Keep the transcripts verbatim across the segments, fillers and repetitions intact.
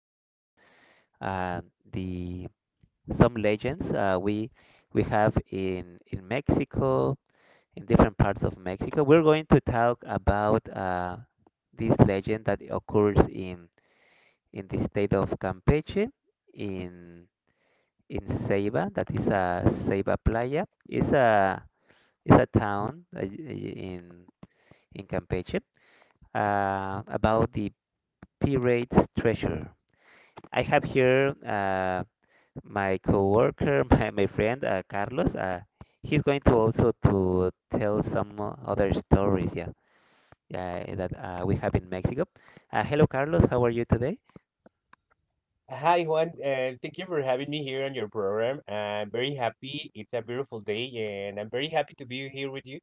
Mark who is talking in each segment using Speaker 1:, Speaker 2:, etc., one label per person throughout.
Speaker 1: about uh, the some legends, uh, we we have in in Mexico, in different parts of Mexico. We're going to talk about uh, this legend that occurs in in the state of Campeche, in in Ceiba. That is a uh, Ceiba Playa. It's a it's a town, uh, in in Campeche, uh, about the pirate's treasure. I have here, uh, my coworker, my, my friend, uh, Carlos. Uh, he's going to also to tell some uh, other stories, yeah, yeah, that uh, we have in Mexico. Uh, hello, Carlos. How are you today?
Speaker 2: Hi, Juan. Uh, thank you for having me here on your program. I'm very happy. It's a beautiful day, and I'm very happy to be here with you.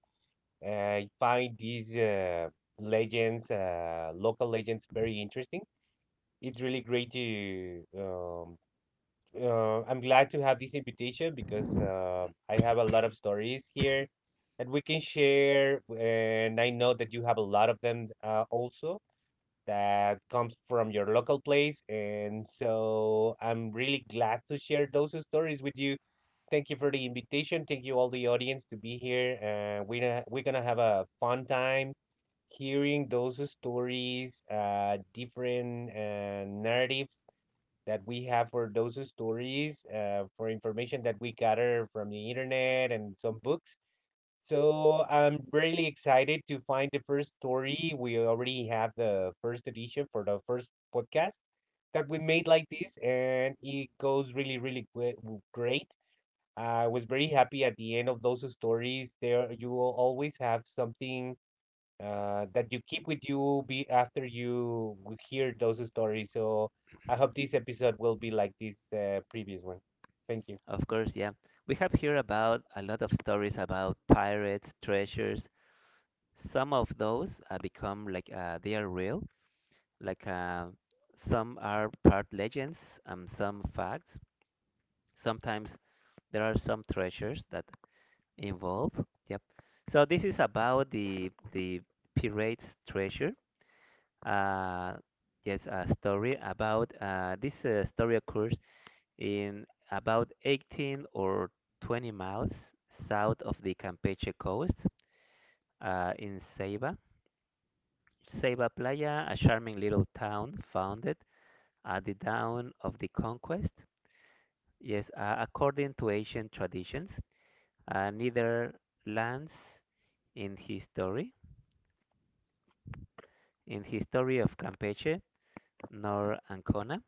Speaker 2: I find these uh, legends, uh, local legends, very interesting. It's really great to. Um, uh, I'm glad to have this invitation because uh, I have a lot of stories here that we can share, and I know that you have a lot of them uh, also that comes from your local place. And so I'm really glad to share those stories with you. Thank you for the invitation. Thank you all the audience to be here. Uh, we gonna, we're gonna have a fun time hearing those stories, uh, different uh, narratives that we have for those stories, uh, for information that we gather from the internet and some books. So I'm really excited to find the first story. We already have the first edition for the first podcast that we made like this, and it goes really, really gwe- w- great. I was very happy at the end of those stories. There, you will always have something uh, that you keep with you be after you w- hear those stories. So I hope this episode will be like this uh, previous one. Thank you.
Speaker 1: Of course, yeah. We have here about a lot of stories about pirates, treasures. Some of those, uh, become like, uh, they are real, like, uh, some are part legends, um, some facts. Sometimes there are some treasures that involve. Yep. So this is about the the pirates' treasure. Uh, yes, a story about, uh, this uh, story occurs in about eighteen or twenty miles south of the Campeche coast, uh, in Ceiba. Ceiba Playa, a charming little town founded at the dawn of the conquest. Yes, uh, According to ancient traditions, uh, neither Lands in history in his story of Campeche, nor Ancona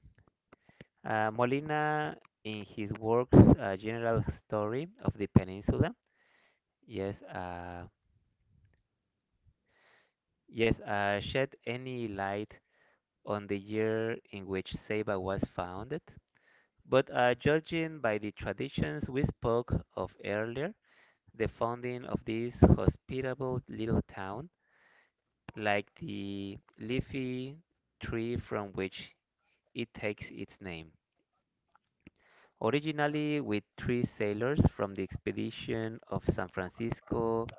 Speaker 1: Uh, Molina, in his works, uh, General Story of the Peninsula, yes, uh, yes, uh, shed any light on the year in which Ceiba was founded. But, uh, judging by the traditions we spoke of earlier, the founding of this hospitable little town, like the leafy tree from which it takes its name. Originally with three sailors from the expedition of San Francisco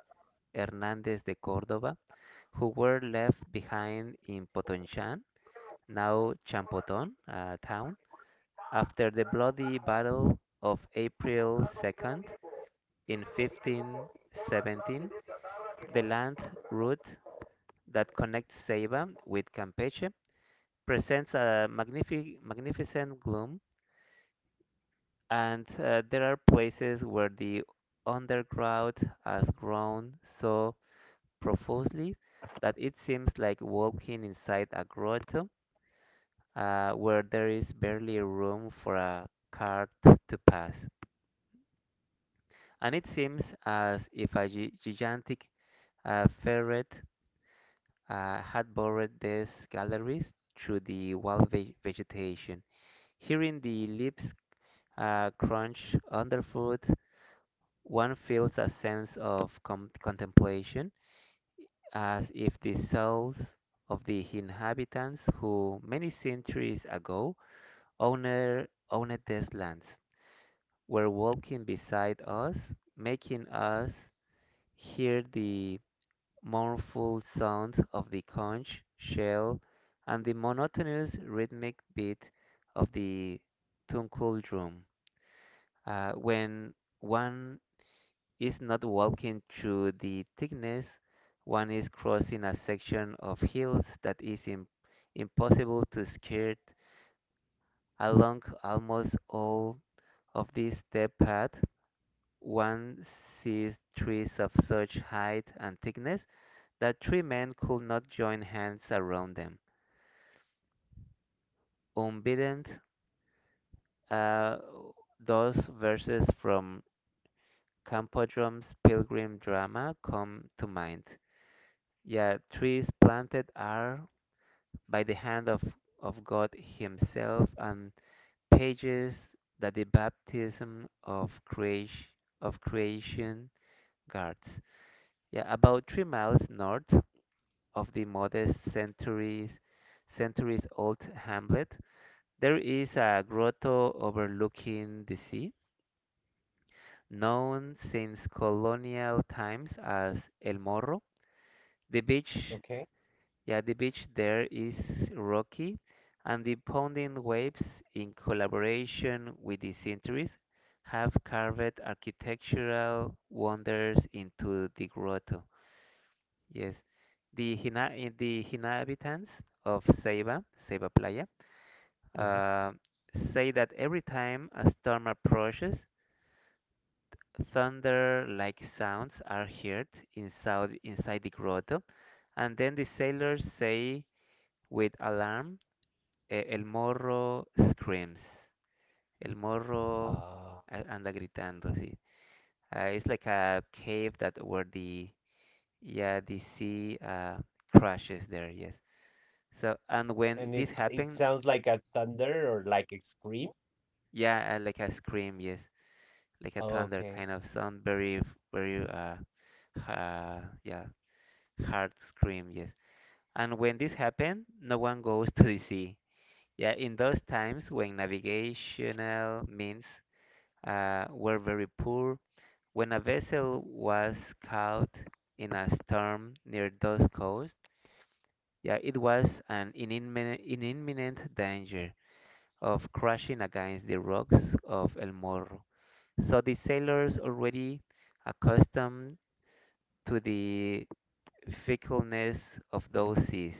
Speaker 1: Hernandez de Córdoba, who were left behind in Potonchan, now Champoton, uh, town, after the bloody battle of April second in fifteen seventeen, the land route that connects Ceiba with Campeche presents a magnific- magnificent gloom. And uh, there are places where the underground has grown so profusely that it seems like walking inside a grotto, uh, where there is barely room for a cart to pass. And it seems as if a gi- gigantic, uh, ferret, uh, had burrowed these galleries through the wild ve- vegetation. Hearing the leaves, uh, crunch underfoot, one feels a sense of com- contemplation, as if the souls of the inhabitants who many centuries ago owned, owned these lands were walking beside us, making us hear the mournful sound of the conch shell and the monotonous rhythmic beat of the tunkel drum. Uh, when one is not walking through the thickness, one is crossing a section of hills that is im- impossible to skirt. Along almost all of this step path, one sees trees of such height and thickness that three men could not join hands around them. Unbidden, uh, those verses from Campodrome's Pilgrim drama come to mind. Yeah, trees planted are by the hand of, of God Himself and pages that the baptism of, creation of creation guards. Yeah, about three miles north of the modest centuries, centuries old hamlet, there is a grotto overlooking the sea, known since colonial times as El Morro. The beach
Speaker 2: Okay.
Speaker 1: Yeah, the beach there is rocky, and the pounding waves, in collaboration with the centuries, have carved architectural wonders into the grotto. Yes, the Hina, in the inhabitants of Ceiba, Ceiba Playa,
Speaker 2: Mhm.
Speaker 1: uh, say that every time a storm approaches, thunder-like sounds are heard inside inside the grotto, and then the sailors say with alarm, eh, el morro screams. El morro
Speaker 2: Uh,
Speaker 1: a- anda gritando sí. Uh, it's like a cave that where the, yeah, the sea, uh, crashes there. Yes. So and when
Speaker 2: and
Speaker 1: this
Speaker 2: it it
Speaker 1: happened,
Speaker 2: sounds like a thunder or like a scream.
Speaker 1: yeah, uh, like a scream. Yes, like a thunder
Speaker 2: Okay.
Speaker 1: kind of sound. Very f- very uh, uh yeah, hard scream. Yes. And when this happened, no one goes to the sea. Yeah, in those times when navigational means, uh, were very poor. When a vessel was caught in a storm near those coasts, yeah, it was an in imminent, in imminent danger of crashing against the rocks of El Morro. So the sailors, already accustomed to the fickleness of those seas,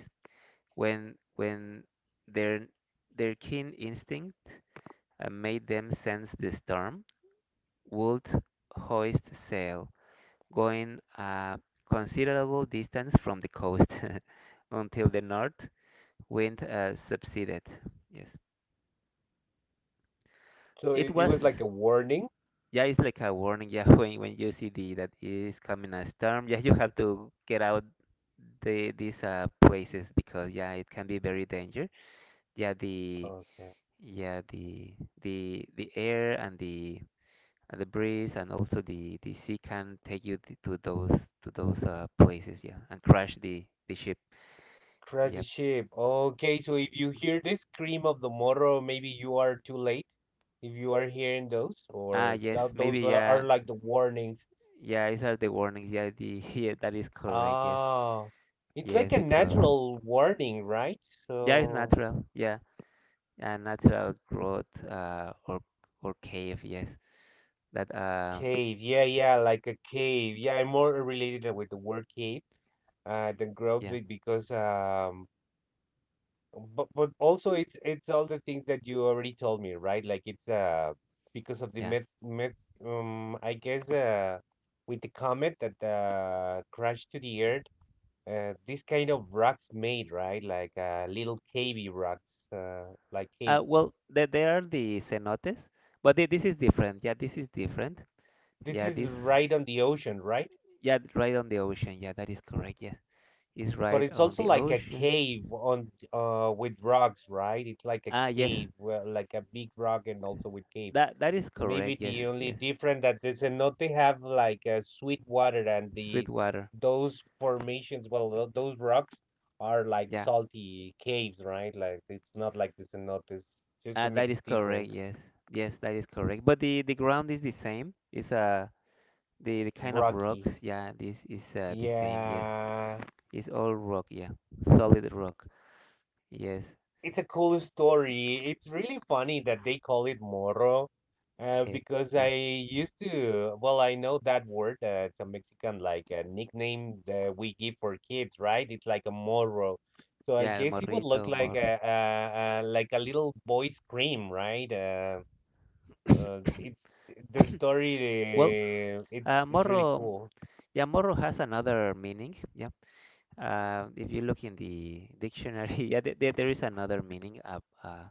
Speaker 1: when when their their keen instinct, uh, made them sense the storm, would hoist sail going a considerable distance from the coast until the north wind, uh, subsided. Yes,
Speaker 2: So
Speaker 1: it
Speaker 2: it, it was like
Speaker 1: was.
Speaker 2: a warning.
Speaker 1: Yeah, it's like a warning. Yeah, when when you see the that is coming a storm, yeah, you have to get out the these, uh, places, because yeah, it can be very dangerous. Yeah, the
Speaker 2: Okay.
Speaker 1: yeah the the the air and the and the breeze and also the the sea can take you t- to those to those, uh, places. Yeah, and crash the the ship.
Speaker 2: Crash
Speaker 1: Yeah.
Speaker 2: the ship. Okay, so if you hear the scream of the Moro, maybe you are too late. If you are hearing those,
Speaker 1: Ah,
Speaker 2: or
Speaker 1: yes,
Speaker 2: tho- those
Speaker 1: maybe,
Speaker 2: are, are
Speaker 1: yeah,
Speaker 2: like the warnings.
Speaker 1: yeah. These are the warnings. Yeah, the yeah, that is correct. Yes,
Speaker 2: Ah, it's like
Speaker 1: yes,
Speaker 2: a
Speaker 1: because
Speaker 2: natural warning, right?
Speaker 1: yeah, it's
Speaker 2: So
Speaker 1: natural. Yeah, a natural growth, uh, or or cave. Yes, that, um
Speaker 2: cave, yeah, yeah, like a cave. Yeah, I'm more related with the word cave uh, than grove
Speaker 1: yeah,
Speaker 2: be- because um, But but also it's it's all the things that you already told me, right? Like it's uh because of the
Speaker 1: yeah.
Speaker 2: myth myth um, I guess uh, with the comet that uh, crashed to the earth, uh, this kind of rocks made, right? Like uh, little cavey rocks, uh, like
Speaker 1: Uh,
Speaker 2: caves.
Speaker 1: well, there there are the cenotes, but thi- this is different. Yeah, this is different.
Speaker 2: This
Speaker 1: Yeah,
Speaker 2: is
Speaker 1: this
Speaker 2: right on the ocean, right?
Speaker 1: yeah, right on the ocean. Yeah, that is correct. Yes, it's
Speaker 2: But
Speaker 1: right
Speaker 2: it's
Speaker 1: on
Speaker 2: also
Speaker 1: the
Speaker 2: like a
Speaker 1: ocean.
Speaker 2: cave on uh, with rocks, right? It's like a
Speaker 1: Ah, yes,
Speaker 2: cave, well, like a big rock and also with caves.
Speaker 1: that that is
Speaker 2: Maybe
Speaker 1: correct. Yes,
Speaker 2: the only
Speaker 1: yes.
Speaker 2: different that the cenote have like a sweet water and the
Speaker 1: Sweet water.
Speaker 2: those formations, well, tho- those rocks are like
Speaker 1: Yeah.
Speaker 2: salty caves, right? Like it's not like the cenotes, just to
Speaker 1: Uh,
Speaker 2: make
Speaker 1: that is
Speaker 2: the
Speaker 1: correct,
Speaker 2: difference.
Speaker 1: yes. Yes, that is correct. But the the ground is the same. It's, uh the the kind of
Speaker 2: Rocky.
Speaker 1: rocks, yeah, this is, uh, the same, yes.
Speaker 2: Yeah.
Speaker 1: It's all rock, yeah. Solid rock. Yes.
Speaker 2: It's a cool story. It's really funny that they call it Moro, uh,
Speaker 1: Hey,
Speaker 2: because
Speaker 1: yeah.
Speaker 2: I used to, well, I know that word. Uh, it's a Mexican like uh, nickname that we give for kids, right? It's like a Moro. So I
Speaker 1: Yeah, el
Speaker 2: guess it would look
Speaker 1: morrito,
Speaker 2: like
Speaker 1: morro.
Speaker 2: a, a, a like a little boy scream, right? Uh, uh, it The
Speaker 1: Well,
Speaker 2: story uh, it's
Speaker 1: uh,
Speaker 2: it's really
Speaker 1: morro,
Speaker 2: cool.
Speaker 1: yeah, morro has another meaning, yeah. Uh, if you look in the dictionary, yeah, there, there there is another meaning of, uh,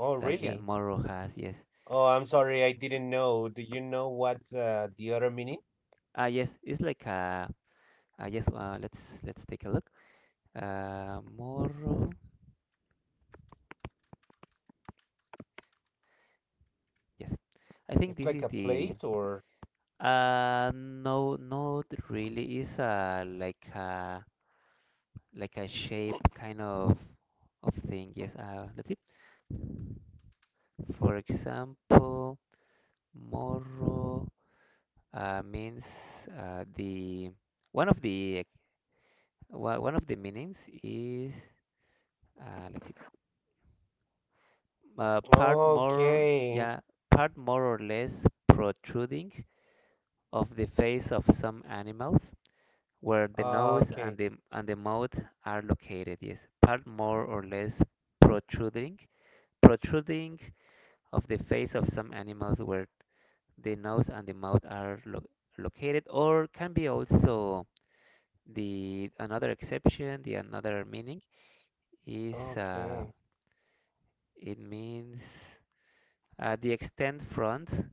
Speaker 2: Oh,
Speaker 1: that, yeah,
Speaker 2: really?
Speaker 1: morro has, yes.
Speaker 2: Oh, I'm sorry, I didn't know. Do you know what's uh, the other meaning?
Speaker 1: Ah, yes, it's like, uh, uh yes, uh, let's let's take a look. Uh, Morro. Yes. I
Speaker 2: It's
Speaker 1: think
Speaker 2: like
Speaker 1: this
Speaker 2: a
Speaker 1: is
Speaker 2: place
Speaker 1: the,
Speaker 2: or?
Speaker 1: uh no, not really is a like a like a shape kind of of thing. Yes. Uh, let's see. For example, Morro, uh, means, uh, the one of the one one of the meanings is, uh, let's see uh, part more,
Speaker 2: Okay.
Speaker 1: yeah, part more or less protruding of the face of some animals where the nose
Speaker 2: Okay.
Speaker 1: and the and the mouth are located. Yes, part more or less protruding, protruding of the face of some animals where the nose and the mouth are lo- located, or can be also the another exception. The another meaning is uh,
Speaker 2: Okay.
Speaker 1: it means uh, the extend front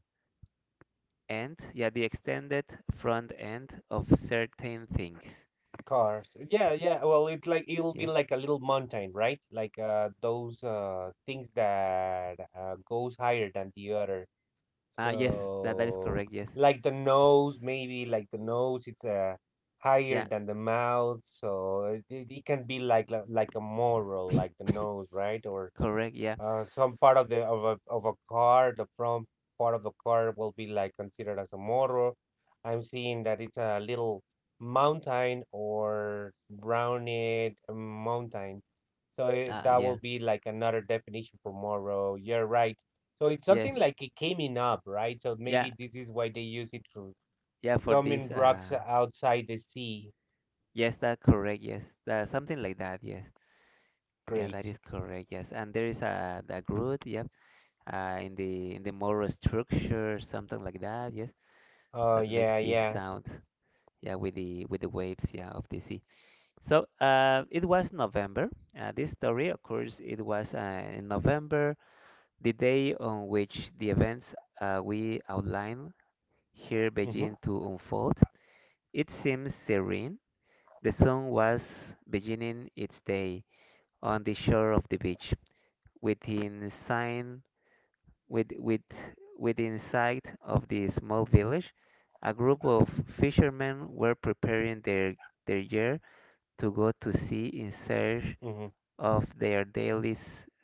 Speaker 1: end. Yeah, the extended front end of certain things.
Speaker 2: Cars. Yeah, yeah. Well, it's like it'll be
Speaker 1: Yes.
Speaker 2: like a little mountain, right? Like uh, those uh, things that uh, goes higher than the other.
Speaker 1: Ah, yes, that that is
Speaker 2: So
Speaker 1: correct. Yes.
Speaker 2: like the nose, maybe like the nose, it's uh higher
Speaker 1: Yeah,
Speaker 2: than the mouth. So it, it it can be like like like a moral, like the nose, right? Or
Speaker 1: correct, yeah.
Speaker 2: Uh, some part of the of a of a car, the front part of the car will be like considered as a motor. I'm seeing that it's a little mountain or rounded mountain. So it,
Speaker 1: Uh,
Speaker 2: that
Speaker 1: yeah.
Speaker 2: will be like another definition for Moro. You're right. So it's
Speaker 1: Yes.
Speaker 2: something like it coming up, right? So
Speaker 1: Yeah.
Speaker 2: maybe this is why they use it for
Speaker 1: Yeah, for this,
Speaker 2: coming
Speaker 1: uh
Speaker 2: rocks outside the sea.
Speaker 1: yes, that correct. Yes. That something like that. Yes. Yeah, that
Speaker 2: Great.
Speaker 1: is correct. Yes. And there is a the root, yep. Uh in the in the moral structure, something like that. Yes.
Speaker 2: Oh
Speaker 1: That makes
Speaker 2: yeah,
Speaker 1: this
Speaker 2: yeah.
Speaker 1: sound. Yeah, with the with the waves, yeah, of the sea. So, uh it was November. Uh, this story occurs It was, uh, in November, the day on which the events, uh, we outline here
Speaker 2: Mm-hmm.
Speaker 1: begin to unfold. It seemed serene. The sun was beginning its day on the shore of the beach, within sign, with, with, within sight of the small village. A group of fishermen were preparing their, their gear to go to sea in search
Speaker 2: Mm-hmm.
Speaker 1: of their daily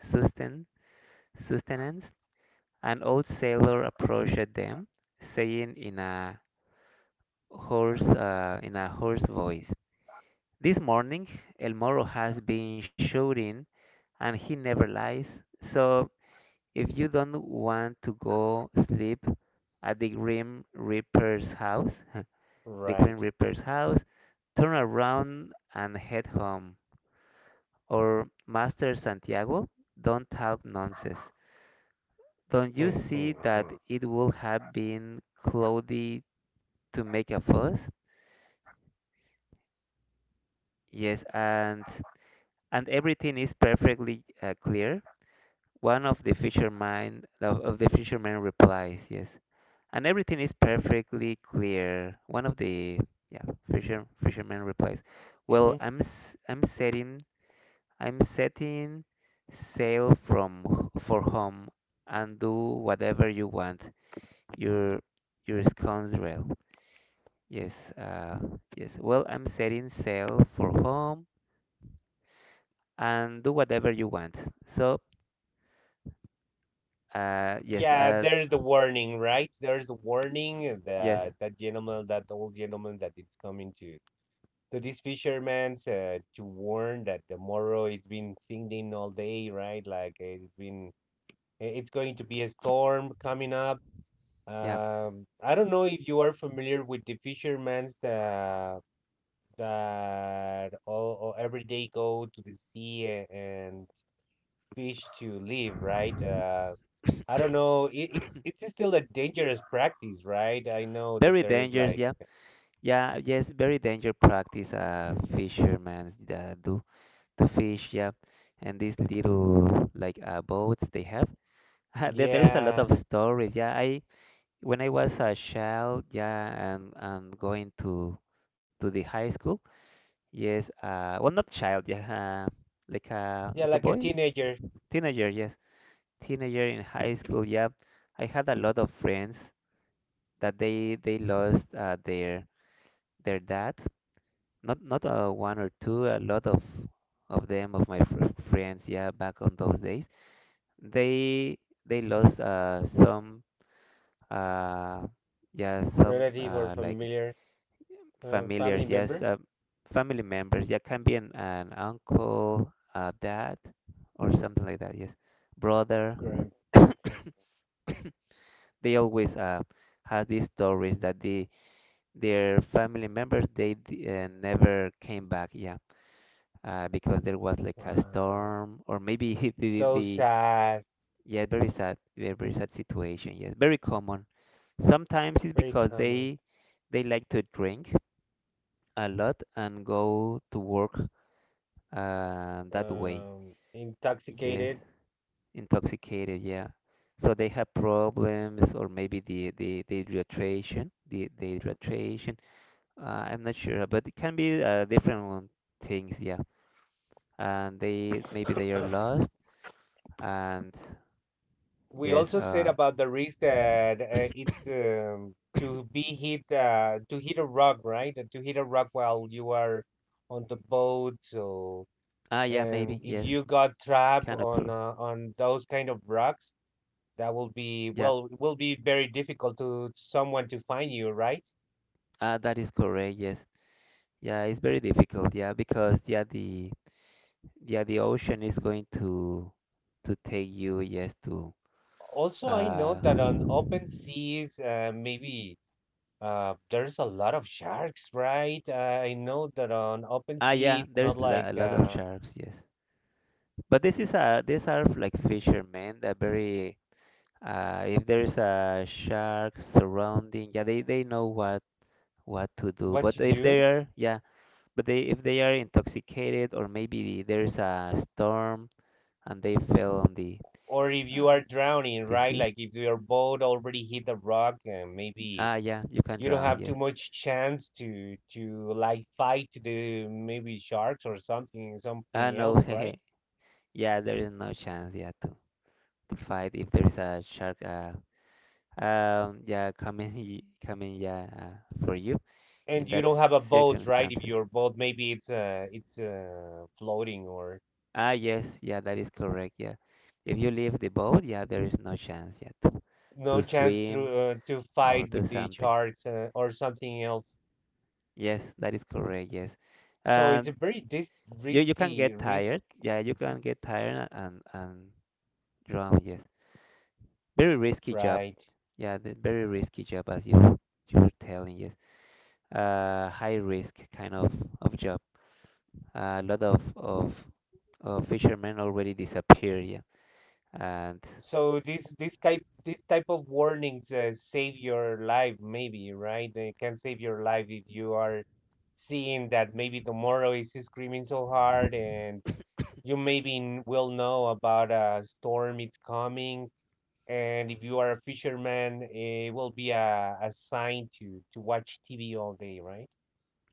Speaker 1: susten- sustenance. An old sailor approached them, saying in a hoarse, uh, in a hoarse voice, this morning, El Moro has been shouting and he never lies. So if you don't want to go sleep at the Grim Reaper's house, the Grim
Speaker 2: Right.
Speaker 1: Reaper's house, turn around and head home. Or Master Santiago, don't talk nonsense. Don't you see that
Speaker 2: Mm-hmm.
Speaker 1: it would have been cloudy to make a fuss? Yes, and and everything is perfectly, uh, clear. One of the fishermen of, of the fishermen replies, yes, and everything is perfectly clear. One of the, yeah, fisher fisherman replies, well,
Speaker 2: Mm-hmm.
Speaker 1: I'm s- I'm setting I'm setting sail from h- for home and do whatever you want. Your your scoundrel. Yes, uh, yes. Well, I'm setting sail for home and do whatever you want. So, uh, yes,
Speaker 2: Yeah,
Speaker 1: uh,
Speaker 2: there's the warning, right? There's the warning
Speaker 1: yes,
Speaker 2: that that gentleman, that old gentleman that is coming to to these fishermen uh, to warn that tomorrow it's been singing all day, right? Like eh, it's been i- it's going to be a storm coming up.
Speaker 1: yeah.
Speaker 2: Um, I don't know if you are familiar with the fishermen that that all, all every day go to the sea a- and fish to live, right? Uh, I don't know. It, it's it's still a dangerous practice, right? I know that
Speaker 1: Very
Speaker 2: there is
Speaker 1: dangerous,
Speaker 2: like
Speaker 1: yeah. Yeah, yes, very dangerous practice, uh fishermen, uh, do to fish, yeah. And these little like, uh, boats they have. There, there is a lot
Speaker 2: yeah,
Speaker 1: of stories. Yeah, I when I was a child, yeah, and and going to to the high school. Yes, uh well, not child, yeah, uh, like a
Speaker 2: yeah,
Speaker 1: like a
Speaker 2: like a
Speaker 1: boy,
Speaker 2: teenager,
Speaker 1: teenager, yes. Teenager in high school, yeah. I had a lot of friends that they they lost, uh, their their dad. Not not uh, one or two, a lot of of them of my fr friends, yeah, back on those days. They they lost, uh some, uh yeah, some,
Speaker 2: relative or
Speaker 1: uh like
Speaker 2: familiar, uh, family
Speaker 1: familiars, yes,
Speaker 2: member,
Speaker 1: uh, family members. Yeah, can be an, an uncle, uh dad, or something like that, yes. Brother.
Speaker 2: grand. Okay,
Speaker 1: They always, uh have these stories that the their family members they d- uh, never came back, yeah. Uh, because there was like a
Speaker 2: wow,
Speaker 1: storm or maybe the, the,
Speaker 2: so
Speaker 1: the
Speaker 2: sad.
Speaker 1: yeah, very sad, very, very sad situation. Yes, very common. Sometimes it's
Speaker 2: Very
Speaker 1: because
Speaker 2: common.
Speaker 1: they they like to drink a lot and go to work uh, that way.
Speaker 2: Um,
Speaker 1: Yes,
Speaker 2: intoxicated.
Speaker 1: intoxicated, yeah. So they have problems, or maybe the the the dehydration, the the dehydration, uh, I'm not sure, but it can be uh, different one- things, yeah. And they, maybe they are lost. And
Speaker 2: We
Speaker 1: yes.
Speaker 2: also said
Speaker 1: Uh,
Speaker 2: about the risk that uh, it's um, to be hit uh, to hit a rock, right? To hit a rock while you are on the boat, so
Speaker 1: ah, yeah,
Speaker 2: and
Speaker 1: maybe.
Speaker 2: if
Speaker 1: Yes,
Speaker 2: you got trapped
Speaker 1: can
Speaker 2: on
Speaker 1: occur.
Speaker 2: uh, on those kind of rocks that will be
Speaker 1: Yeah.
Speaker 2: well it will be very difficult to someone to find you right
Speaker 1: Ah, that is correct. Yes. Yeah, it's very difficult. Yeah, because yeah, the yeah, the ocean is going to to take you. Yes, to
Speaker 2: also I know
Speaker 1: uh.
Speaker 2: that on open seas uh, maybe uh, there's a lot of sharks right uh, I know that on open
Speaker 1: Ah,
Speaker 2: sea
Speaker 1: yeah.
Speaker 2: it's not
Speaker 1: There's la-
Speaker 2: like
Speaker 1: a lot of
Speaker 2: uh,
Speaker 1: sharks. Yes, but this is a these are like fishermen. They're very. Uh, if there is a shark surrounding, yeah, they they know what what to do.
Speaker 2: what to
Speaker 1: But if they
Speaker 2: do
Speaker 1: are, yeah. But they, if they are intoxicated or maybe there's a storm and they fell on the
Speaker 2: or if you are
Speaker 1: uh,
Speaker 2: drowning
Speaker 1: the
Speaker 2: right
Speaker 1: sea.
Speaker 2: like if your boat already hit the rock uh, maybe
Speaker 1: Ah yeah, you can
Speaker 2: you don't
Speaker 1: drown.
Speaker 2: have
Speaker 1: Yes.
Speaker 2: too much chance to to like fight the maybe sharks or something
Speaker 1: Ah
Speaker 2: something
Speaker 1: no,
Speaker 2: else right
Speaker 1: yeah, there is no chance. Yeah, to to fight if there is a shark. Uh, um, yeah, coming y- coming. Yeah, uh, for you in
Speaker 2: and you
Speaker 1: that
Speaker 2: don't have a boat right if
Speaker 1: circumstances.
Speaker 2: your boat maybe it's uh it's uh floating or
Speaker 1: Ah yes, yeah, that is correct. Yeah, if you leave the boat, yeah, there is no chance. Yeah, to,
Speaker 2: no
Speaker 1: to
Speaker 2: chance to
Speaker 1: swim
Speaker 2: uh, to
Speaker 1: or
Speaker 2: fight
Speaker 1: do
Speaker 2: with the
Speaker 1: something.
Speaker 2: sharks uh, or something else
Speaker 1: Yes, that is correct. Yes.
Speaker 2: so
Speaker 1: Uh,
Speaker 2: it's a very dis-
Speaker 1: You you can
Speaker 2: risky
Speaker 1: get
Speaker 2: risk
Speaker 1: tired. Yeah, you can get tired and and drown. Yes, very risky job.
Speaker 2: right.
Speaker 1: Yeah, the very risky job as you you're telling. Yes, uh, high risk kind of of job. A lot of of of fishermen already disappear. Yeah, and
Speaker 2: So this this type this type of warnings uh, save your life, maybe, right? They can save your life if you are seeing that maybe tomorrow is screaming so hard, and you maybe n- will know about a storm it's coming. And if you are a fisherman, it will be a, a sign to to watch T V all day, right?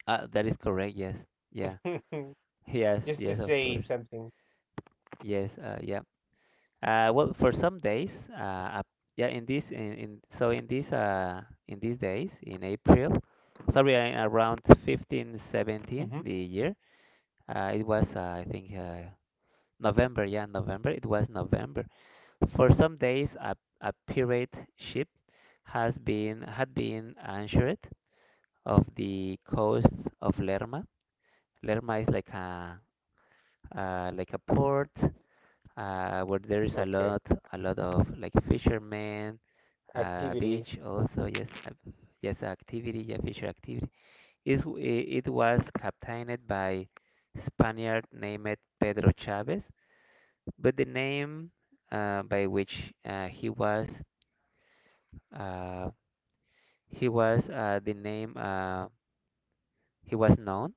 Speaker 1: uh, that is correct. Yes. Yeah. Yes.
Speaker 2: Just to
Speaker 1: Yes. Of
Speaker 2: say
Speaker 1: course.
Speaker 2: something.
Speaker 1: Yes. Uh, yeah. Uh, well, for some days, uh, ap- yeah, in this, in, in so in this, uh, in these days, in April, sorry, uh, in around fifteen seventeen
Speaker 2: Hmm.
Speaker 1: the year, uh, it was, uh, I think, uh, November. Yeah, November. It was November. For some days, a, a pirate ship has been had been anchored off the coast of Lerma. Lerma is like a uh, like a port uh, where there is a
Speaker 2: Okay.
Speaker 1: lot a lot of like fishermen, uh,
Speaker 2: Activity.
Speaker 1: beach also, yes, uh, yes, activity, yeah, fisher activity. Is w- i- it was captained by Spaniard named Pedro Chavez, but the name uh, by which uh, he was uh, he was uh, the name uh, he was known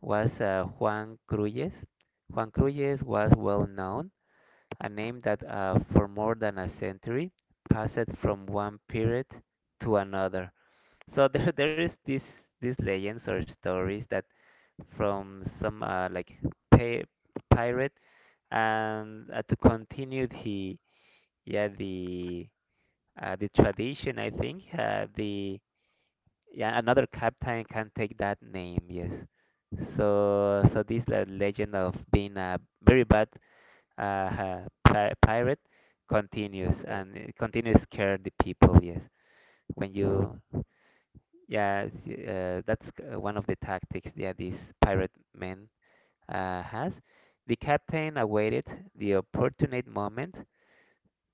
Speaker 1: was uh, Juan Cruyes. Juan Cruyes was well known, a name that uh, for more than a century passed from one period to another. So there there is this these legends or stories that from some uh, like pi pirate. And uh, to continue the yeah the uh, the tradition, I think uh, the yeah, another captain can take that name, yes. So so this le- legend of being a very bad uh, uh, pi pirate continues,
Speaker 2: Okay.
Speaker 1: and it continues scare the people, yes, when you. Yeah, th- uh, that's uh, one of the tactics that this pirate man uh, has. The captain awaited the opportune moment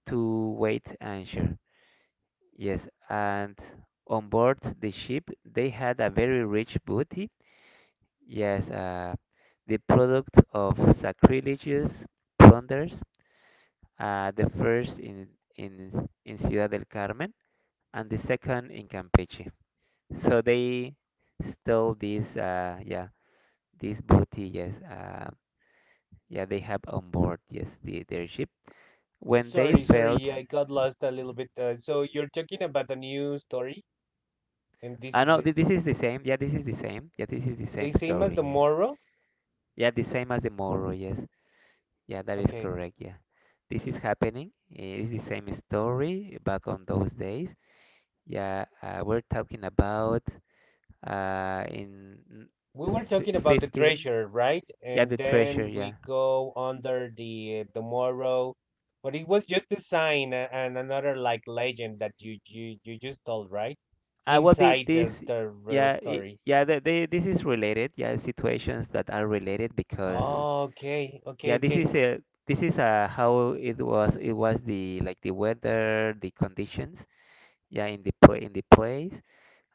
Speaker 1: to wait answer. Yes, and on board the ship they had a very rich booty. Yes, uh, the product of sacrilegious plunders, uh, the first in, in, in Ciudad del Carmen, and the second in Campeche. So they stole this, uh, yeah, this booty, yes, uh, yeah, they have on board, yes, the, their ship. When they
Speaker 2: Sorry,
Speaker 1: felt,
Speaker 2: sorry, I got lost a little
Speaker 1: mhm.
Speaker 2: bit. Uh, so you're talking about the new story, and this
Speaker 1: Ah,
Speaker 2: is
Speaker 1: no,
Speaker 2: the
Speaker 1: thi- this is the same. Yeah, this is the same. Yeah, this is the
Speaker 2: the
Speaker 1: same
Speaker 2: same as
Speaker 1: story.
Speaker 2: the
Speaker 1: Yes,
Speaker 2: Morrow?
Speaker 1: yeah, the same as the Moro. Yes, yeah, that is
Speaker 2: Okay.
Speaker 1: correct. Yeah, this is happening. Eh, it's the same story back on those days. Yeah, uh, we're talking about uh, in n-
Speaker 2: We were talking
Speaker 1: f-
Speaker 2: about the
Speaker 1: fifteen.
Speaker 2: treasure, right?
Speaker 1: Yeah,
Speaker 2: And
Speaker 1: the treasure.
Speaker 2: then
Speaker 1: Yeah.
Speaker 2: we go under the the Morrow, but it was just a sign a- and another like legend that you you you just told, right?
Speaker 1: Uh, well, the,
Speaker 2: Inside
Speaker 1: this,
Speaker 2: the the real
Speaker 1: yeah, it,
Speaker 2: story.
Speaker 1: yeah, the, the, this is related. Yeah, situations that are related because,
Speaker 2: Oh, okay, okay,
Speaker 1: yeah, this
Speaker 2: okay,
Speaker 1: is a, this is a, how it was, it was the, like the weather, the conditions, yeah, in the pla in the place,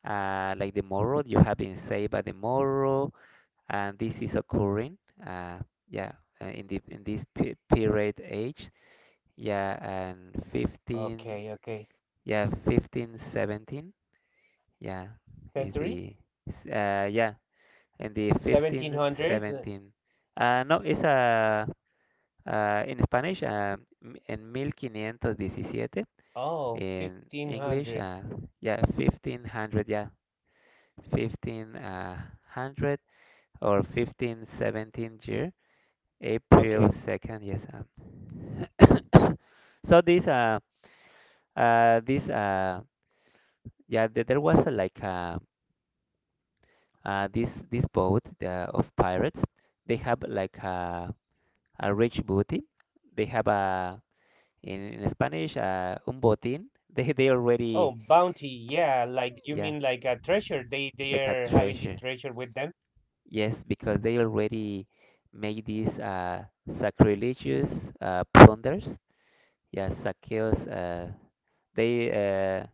Speaker 1: uh, like the moral, you have been saved by the moral, and this is occurring, uh, yeah, uh, in the, in this pe period age, yeah, and fifteen,
Speaker 2: okay, okay.
Speaker 1: yeah, fifteen seventeen. Yeah, is
Speaker 2: Century,
Speaker 1: the, s- uh, yeah. In the
Speaker 2: seventeen
Speaker 1: fifteenth,
Speaker 2: hundred.
Speaker 1: seventeenth. Ah, no, es ah ah, en Spanish, ah, m- en fifteen seventeen.
Speaker 2: Oh,
Speaker 1: In
Speaker 2: fifteen
Speaker 1: English,
Speaker 2: hundred.
Speaker 1: uh, yeah, fifteen hundred, yeah, fifteen hundred or fifteen seventeen year, April
Speaker 2: Okay.
Speaker 1: 2nd, yes. Um. So this, uh, uh, this, uh, yeah, th- there was uh, like uh, uh, this this boat uh, of pirates. They have like uh, a rich booty. They have a in, in Spanish uh, un botín. They they already
Speaker 2: Oh, bounty. Yeah, like you
Speaker 1: yeah
Speaker 2: mean like a treasure. They they
Speaker 1: like a
Speaker 2: are having this
Speaker 1: treasure.
Speaker 2: treasure with them,
Speaker 1: Yes, because they already make these uh, sacrilegious uh, plunders. Yeah, saqueos. Uh, they uh,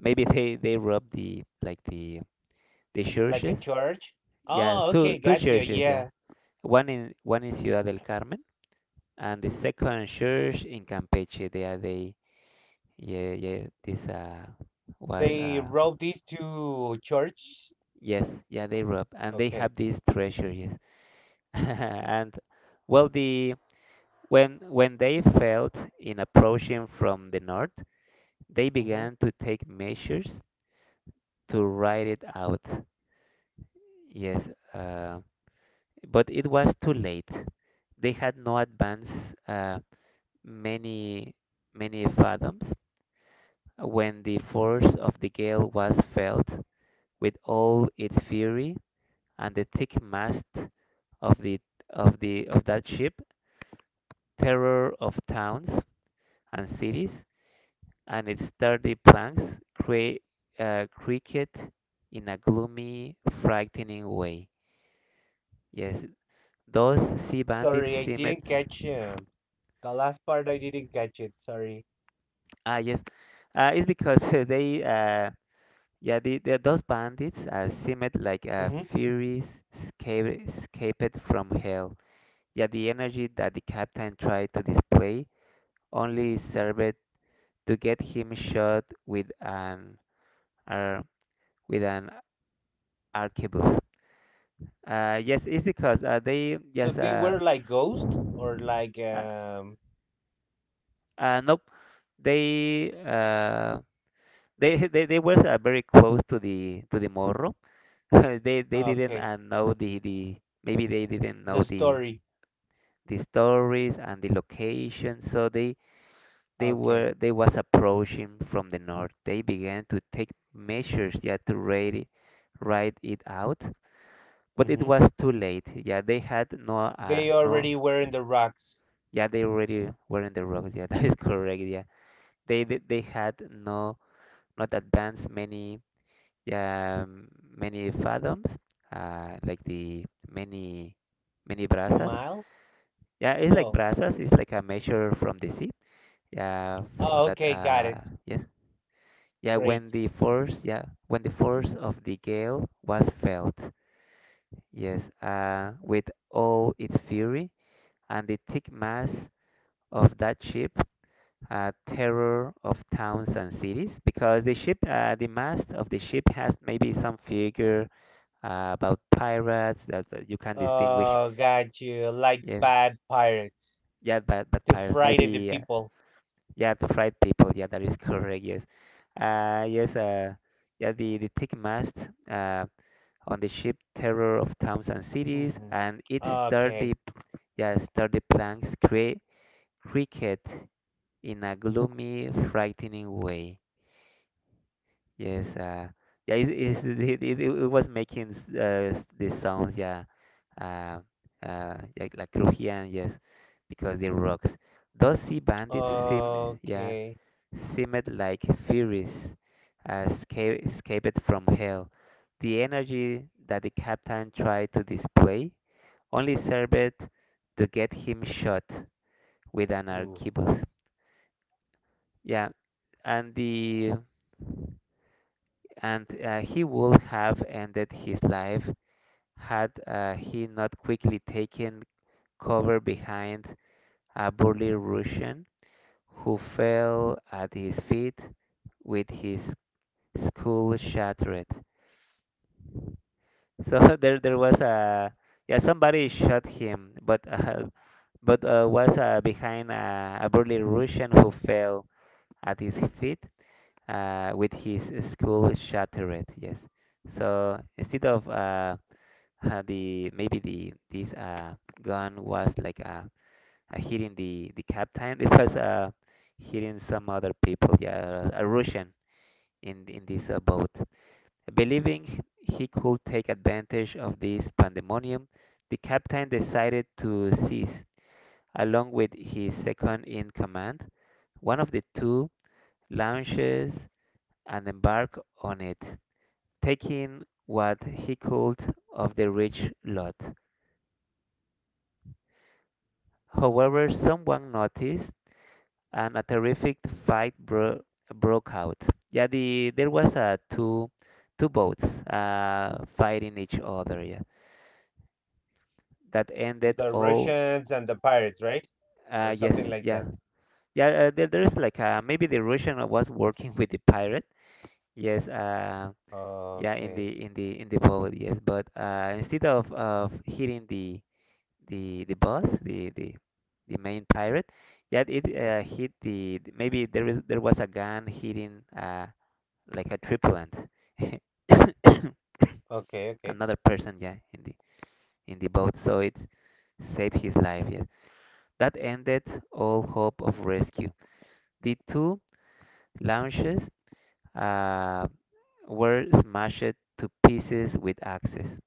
Speaker 1: maybe they they rob the like the the
Speaker 2: like a
Speaker 1: churches.
Speaker 2: church.
Speaker 1: Yeah,
Speaker 2: Oh,
Speaker 1: two
Speaker 2: okay,
Speaker 1: two
Speaker 2: gotcha.
Speaker 1: churches. Yeah,
Speaker 2: Yeah,
Speaker 1: one in one in Ciudad del Carmen and the second church in Campeche. There they yeah, yeah, this uh was
Speaker 2: they
Speaker 1: uh
Speaker 2: robbed these two church.
Speaker 1: yes, yeah, they rob and they
Speaker 2: Okay.
Speaker 1: have these treasures. And well, the when when they felt in approaching from the north, they
Speaker 2: Mm-hmm.
Speaker 1: began to take measures to ride it out. Yes, uh, but it was too late. They had no advance uh, many many fathoms when the force of the gale was felt with all its fury, and the thick mast of the of the of that ship, terror of towns and cities, and its sturdy planks cra- uh, creaked in a gloomy, frightening way. Yes, those sea bandits
Speaker 2: Sorry, I
Speaker 1: seemed.
Speaker 2: didn't catch uh, the last part. I didn't catch it. Sorry.
Speaker 1: Ah, yes, uh, it's because they. Uh, yeah, the, the, those bandits uh, seemed like uh,
Speaker 2: Mm-hmm.
Speaker 1: furies sca- escaped from hell. Yeah, the energy that the captain tried to display only served to get him shot with an ar with an arquebus. Uh, yes, it's because uh, they
Speaker 2: So
Speaker 1: yes
Speaker 2: they
Speaker 1: uh,
Speaker 2: were like ghosts or like
Speaker 1: uh,
Speaker 2: um.
Speaker 1: uh nope, they uh they they, they were uh, very close to the to the morro. they they didn't
Speaker 2: Okay,
Speaker 1: uh, know the the maybe they didn't know
Speaker 2: the
Speaker 1: the
Speaker 2: story.
Speaker 1: the stories and the location, so they they
Speaker 2: Okay.
Speaker 1: were they was approaching from the north. They began to take measures, yeah, to ride it, ride it out. But it
Speaker 2: Mm-hmm.
Speaker 1: was too late. Yeah, they had no, uh,
Speaker 2: They
Speaker 1: no.
Speaker 2: already were in the rocks.
Speaker 1: Yeah, they already were in the rocks. Yeah, that is correct. Yeah, they they, they had no not advanced many yeah, um, many fathoms, uh, like the many many brazas.
Speaker 2: Miles.
Speaker 1: Yeah, it's like
Speaker 2: Oh.
Speaker 1: brazas. It's like a measure from the sea. Yeah, from
Speaker 2: Oh,
Speaker 1: that.
Speaker 2: okay, got
Speaker 1: Uh,
Speaker 2: it.
Speaker 1: yes. Yeah,
Speaker 2: Great.
Speaker 1: when the force. Yeah, when the force of the gale was felt. Yes. Uh, with all its fury and the thick mass of that ship, uh, terror of towns and cities, because the ship, uh, the mast of the ship has maybe some figure uh, about pirates that, that you can distinguish.
Speaker 2: Uh, got you. Like
Speaker 1: Yes,
Speaker 2: bad pirates
Speaker 1: yeah, but but
Speaker 2: to
Speaker 1: pirates
Speaker 2: frighten the
Speaker 1: maybe uh,
Speaker 2: people.
Speaker 1: yeah the fried people. Yeah, that is correct. Yes, uh, yes, uh, yeah the the thick mast uh, on the ship, terror of towns and cities,
Speaker 2: Hmm.
Speaker 1: and its
Speaker 2: Okay.
Speaker 1: sturdy yeah sturdy planks create cricket in a gloomy, frightening way. Yes, uh, yeah, it, it, it, it, it was making s- uh, s- these sounds, yeah, uh, uh, like, like crujían, yes, because the rocks. Those sea bandits seem, yeah,
Speaker 2: Okay.
Speaker 1: seemed like furies, uh, sca- escaped from hell. The energy that the captain tried to display only served to get him shot with an
Speaker 2: Ooh.
Speaker 1: arquebus. Yeah, and the and uh, he would have ended his life had uh, he not quickly taken cover behind a burly Russian, who fell at his feet with his skull shattered. So there, there was a yeah, somebody shot him, but uh, but uh, was uh, behind a, a burly Russian who fell at his feet uh, with his skull shattered. Yes. So instead of uh, the maybe the this uh, gun was like a uh, hitting the the captain. It was uh, hitting some other people. Yeah, a Russian in in this uh, boat, believing he could take advantage of this pandemonium. The captain decided to seize, along with his second in command, one of the two launches and embark on it, taking what he could of the rich lot. However, someone noticed, and a terrific fight bro- broke out. Yeah, the there was uh, two two boats uh, fighting each other. Yeah, that ended
Speaker 2: The
Speaker 1: all.
Speaker 2: Russians and the pirates, right? Or
Speaker 1: Uh, yes,
Speaker 2: something like
Speaker 1: yeah,
Speaker 2: that.
Speaker 1: yeah. Uh, there, there's like uh, maybe the Russian was working with the pirate. Yes, uh, yeah, in
Speaker 2: Okay.
Speaker 1: the in the in the boat. Yes, but uh, instead of of hitting the the the boss, the the the main pirate, yeah, it uh, hit the maybe there is there was a gun hitting. Uh, like a triplant.
Speaker 2: Okay. Okay.
Speaker 1: Another person, yeah, in the in the boat, so it saved his life. Yeah, that ended all hope of rescue. The two launches uh, were smashed to pieces with axes.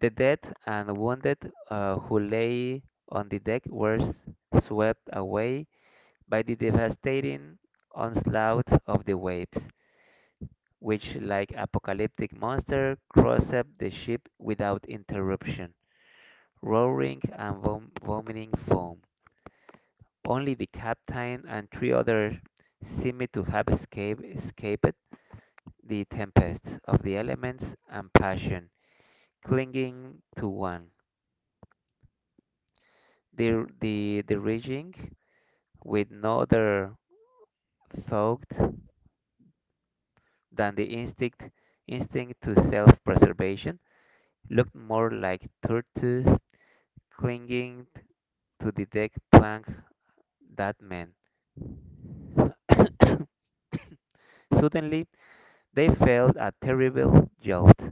Speaker 1: The dead and wounded uh, who lay on the deck were swept away by the devastating onslaught of the waves, which, like apocalyptic monster, crossed up the ship without interruption, roaring and vom- vomiting foam. Only the captain and three others seemed to have escaped, escaped the tempests of the elements and passion, clinging to one. The, the, the raging, with no other thought than the instinct, instinct to self-preservation, looked more like turtles clinging to the deck plank that meant. Suddenly, they felt a terrible jolt,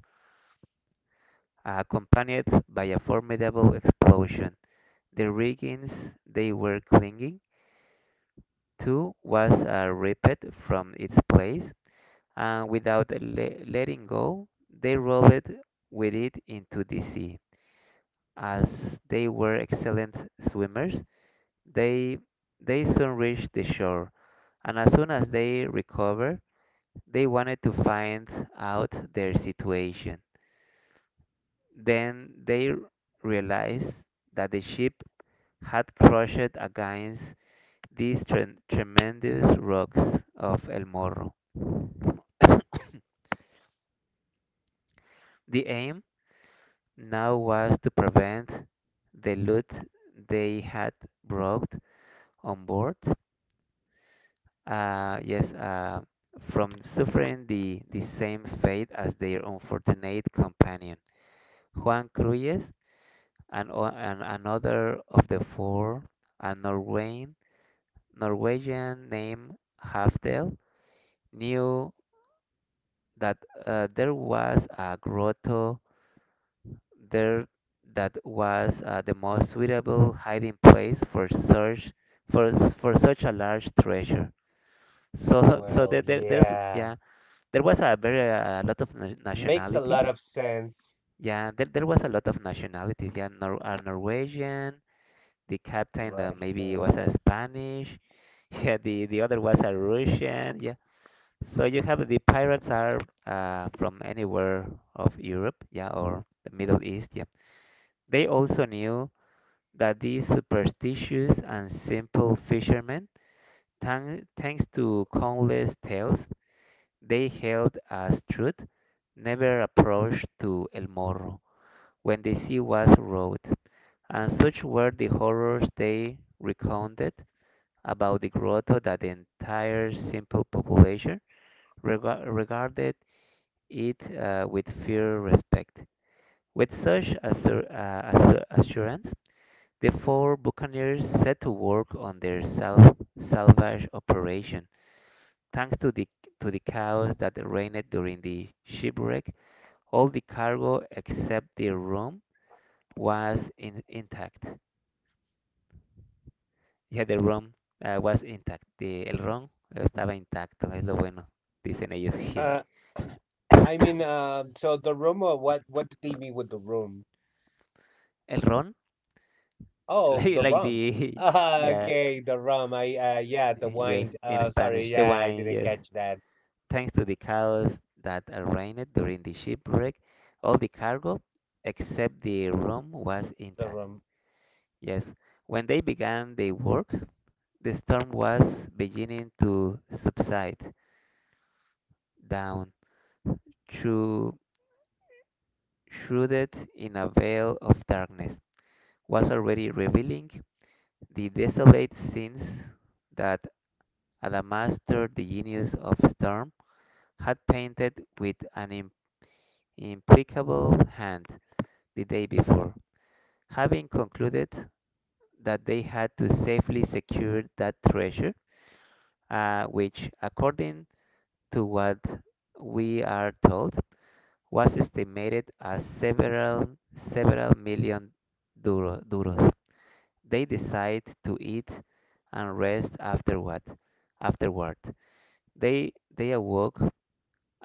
Speaker 1: accompanied by a formidable explosion. The riggings they were clinging to was uh, ripped from its place, and without le- letting go, they rolled with it into the sea. As they were excellent swimmers, they they soon reached the shore, and as soon as they recovered, they wanted to find out their situation. Then they r- realized that the ship had crushed against these tren- tremendous rocks of El Morro. The aim now was to prevent the loot they had brought on board, uh, yes, uh, from
Speaker 2: Mm.
Speaker 1: suffering the, the same fate as their unfortunate companion, Juan Cruyes, and, o- and another of the four, a Norwegian, Norwegian named Hafdel, knew that uh, there was a grotto there that was uh, the most suitable hiding place for such for s- for such a large treasure. So so
Speaker 2: Well,
Speaker 1: there, there there's,
Speaker 2: yeah.
Speaker 1: yeah, there was a very uh, a lot of na-
Speaker 2: Makes a lot
Speaker 1: nationalities.
Speaker 2: of sense.
Speaker 1: Yeah, there, there was a lot of nationalities. Yeah, Nor- a Norwegian, the captain that maybe was a
Speaker 2: Russians.
Speaker 1: Spanish. Yeah, the the other was a Russian. Yeah. So you have the pirates are uh, from anywhere of Europe, yeah, or the Middle East, yeah. They also knew that these superstitious and simple fishermen, thank, thanks to countless tales they held as truth, never approached to El Morro when the sea was rough, and such were the horrors they recounted about the growth of that the entire simple population rega- regarded it uh, with fear respect. With such assur- uh, assu- assurance, the four buccaneers set to work on their sal- salvage operation. Thanks to the to the chaos that reigned during the shipwreck, all the cargo except the rum was in- intact. Yeah, the rum uh, was intact. The, el rum estaba intacto, es lo bueno, dicen ellos.
Speaker 2: Uh, I mean, uh, so the room, or what, what did they mean with the room?
Speaker 1: El ron,
Speaker 2: Oh,
Speaker 1: like,
Speaker 2: the
Speaker 1: like
Speaker 2: rum.
Speaker 1: the
Speaker 2: Ah,
Speaker 1: yeah,
Speaker 2: okay, the rum. I uh, yeah, the
Speaker 1: yes,
Speaker 2: wine.
Speaker 1: in
Speaker 2: Uh, sorry,
Speaker 1: Spanish, the
Speaker 2: yeah, I
Speaker 1: wine,
Speaker 2: didn't
Speaker 1: yes.
Speaker 2: catch that.
Speaker 1: Thanks to the chaos that reigned during the shipwreck, all the cargo except the rum was
Speaker 2: The
Speaker 1: intact.
Speaker 2: rum.
Speaker 1: Yes, when they began their work, the storm was beginning to subside down through shrouded in a veil of darkness was already revealing the desolate scenes that and a master the genius of storm had painted with an im- implacable hand the day before. Having concluded that they had to safely secure that treasure, uh, which, according to what we are told, was estimated as several several million duro- duros, they decide to eat and rest afterward. Afterward, they they awoke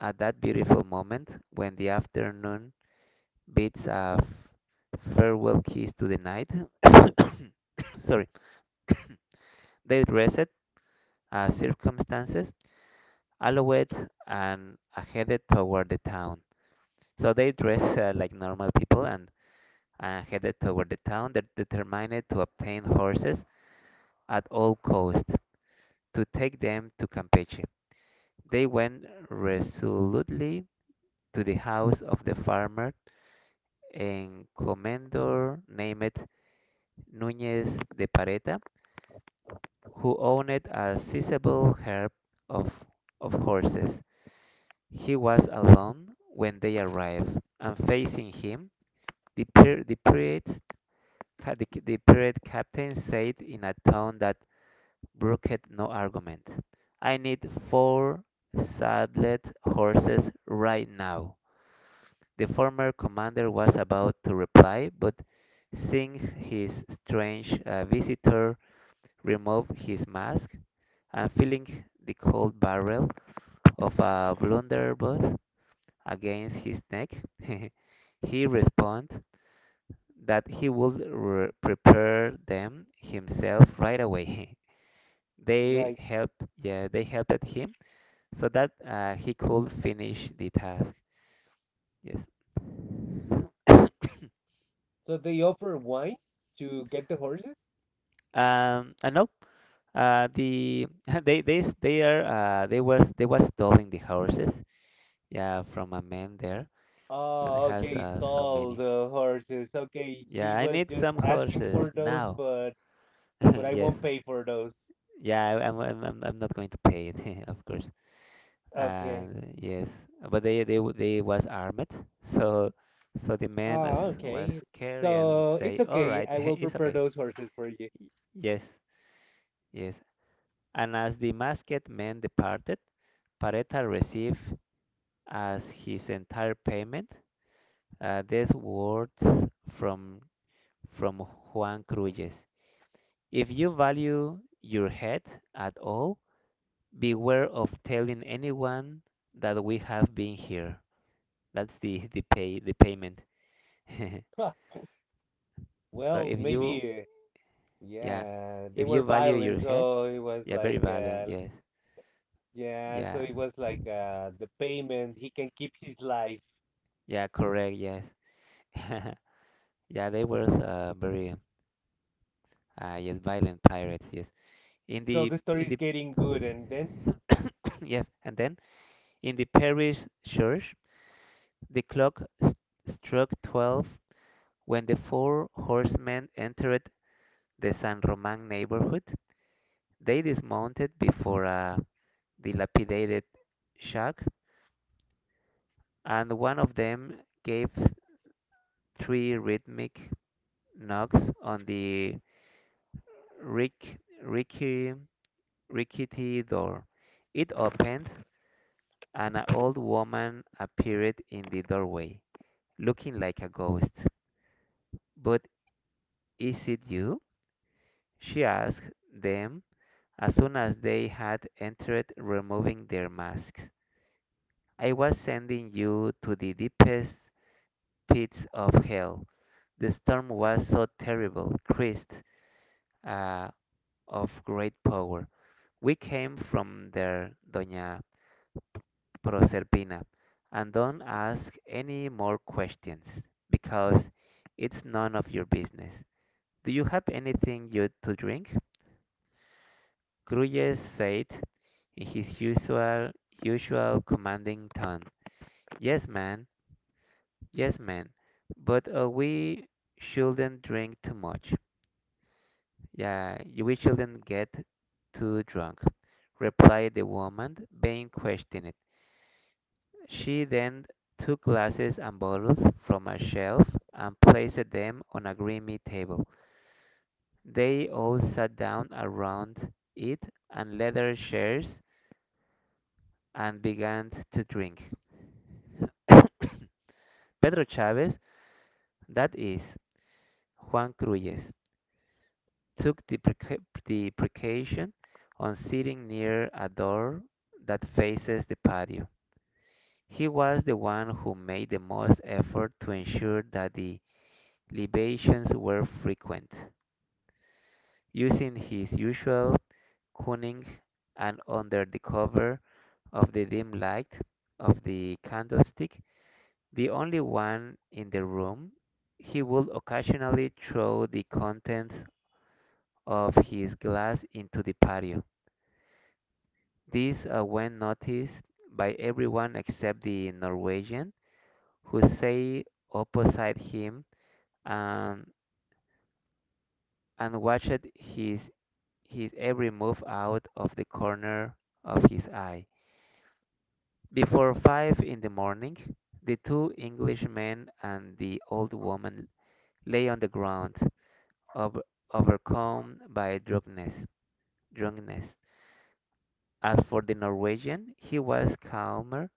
Speaker 1: at that beautiful moment when the afternoon bids a farewell kiss to the night. Sorry. They dressed as circumstances allowed and uh, headed toward the town. So they dressed uh, like normal people and uh, headed toward the town. They determined to obtain horses at all costs to take them to Campeche. They went resolutely to the house of the farmer and commandor named Núñez de Pareta, who owned a sizable herd of, of horses. He was alone when they arrived, and facing him, the, the, pirate, the pirate captain said in a tone that brooked no argument, I need four saddled horses right now. The former commander was about to reply, but seeing his strange uh, visitor remove his mask, and feeling the cold barrel of a blunderbuss against his neck, he responded that he would re- prepare them himself right away. They
Speaker 2: Right.
Speaker 1: helped, yeah, they helped him so that uh, he could finish the task. Yes.
Speaker 2: So they offer wine to get the horses?
Speaker 1: Um, and nope. Uh, the they they s- they are uh, they was they was stealing the horses. Yeah, from a man there that
Speaker 2: Oh,
Speaker 1: has
Speaker 2: okay,
Speaker 1: uh, so
Speaker 2: stall
Speaker 1: many.
Speaker 2: the horses. Okay, he
Speaker 1: Yeah, I
Speaker 2: was
Speaker 1: need
Speaker 2: just
Speaker 1: some
Speaker 2: asking
Speaker 1: horses
Speaker 2: for those,
Speaker 1: now.
Speaker 2: but but I
Speaker 1: Yes.
Speaker 2: won't pay for those.
Speaker 1: Yeah, I, I'm, I'm I'm I'm not going to pay it, of course.
Speaker 2: Okay.
Speaker 1: And yes, but they they w- they was armed, so so the man was
Speaker 2: Oh,
Speaker 1: was
Speaker 2: okay.
Speaker 1: scary and
Speaker 2: So it's
Speaker 1: say, "All
Speaker 2: okay.
Speaker 1: right,
Speaker 2: I will
Speaker 1: it's
Speaker 2: prepare
Speaker 1: okay."
Speaker 2: those horses for you.
Speaker 1: Y- Yes, yes. And as the masked man departed, Pareta received as his entire payment uh, these words from from Juan Cruces. If you value your head at all, beware of telling anyone that we have been here. That's the the pay the payment.
Speaker 2: Huh.
Speaker 1: So
Speaker 2: Well,
Speaker 1: if you,
Speaker 2: maybe,
Speaker 1: yeah,
Speaker 2: yeah, they
Speaker 1: if you
Speaker 2: were
Speaker 1: value
Speaker 2: violent,
Speaker 1: your head,
Speaker 2: so it was
Speaker 1: yeah, very
Speaker 2: like
Speaker 1: valiant,
Speaker 2: uh,
Speaker 1: yes.
Speaker 2: yeah, so
Speaker 1: Yeah.
Speaker 2: it was like uh, the payment, he can keep his life.
Speaker 1: Yeah, correct, yes. Yeah, they were uh, very uh, yes, violent pirates, yes. In
Speaker 2: So
Speaker 1: the
Speaker 2: the story
Speaker 1: in
Speaker 2: is
Speaker 1: the
Speaker 2: getting good, and then
Speaker 1: yes, and then in the parish church, the clock st struck twelve when the four horsemen entered the San Roman neighborhood. They dismounted before a dilapidated shack, and one of them gave three rhythmic knocks on the rick, ricky, rickety door. It opened, and an old woman appeared in the doorway, looking like a ghost. But is it you? She asked them as soon as they had entered, removing their masks. I was sending you to the deepest pits of hell. The storm was so terrible, Christ, uh, of great power. We came from there, Doña Proserpina, and don't ask any more questions, because it's none of your business. Do you have anything you to drink? Grulles said in his usual usual commanding tone. Yes, man, yes, man, but uh, we shouldn't drink too much. Yeah, we shouldn't get too drunk, replied the woman being questioned. She then took glasses and bottles from a shelf and placed them on a grimy table. They all sat down around it on leather chairs and began to drink. Pedro Chavez, that is, Juan Cruyes, took the, preca- the precaution on sitting near a door that faces the patio. He was the one who made the most effort to ensure that the libations were frequent, using his usual cunning and under the cover of the dim light of the candlestick, the only one in the room, he would occasionally throw the contents of his glass into the patio. This uh, when noticed by everyone except the Norwegian, who sat opposite him and and watched his his every move out of the corner of his eye. Before five in the morning, the two Englishmen and the old woman lay on the ground, over, overcome by drunkenness. Drunkenness. As for the Norwegian, he was calmer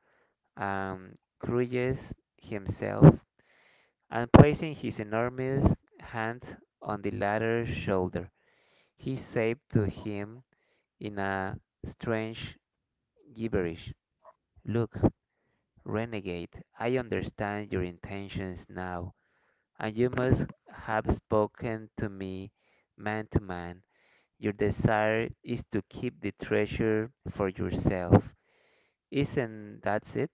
Speaker 1: and courageous himself, and placing his enormous hand on the latter's shoulder, he said to him in a strange gibberish. Look, renegade, I understand your intentions now, and you must have spoken to me man to man. Your desire is to keep the treasure for yourself. Isn't that it?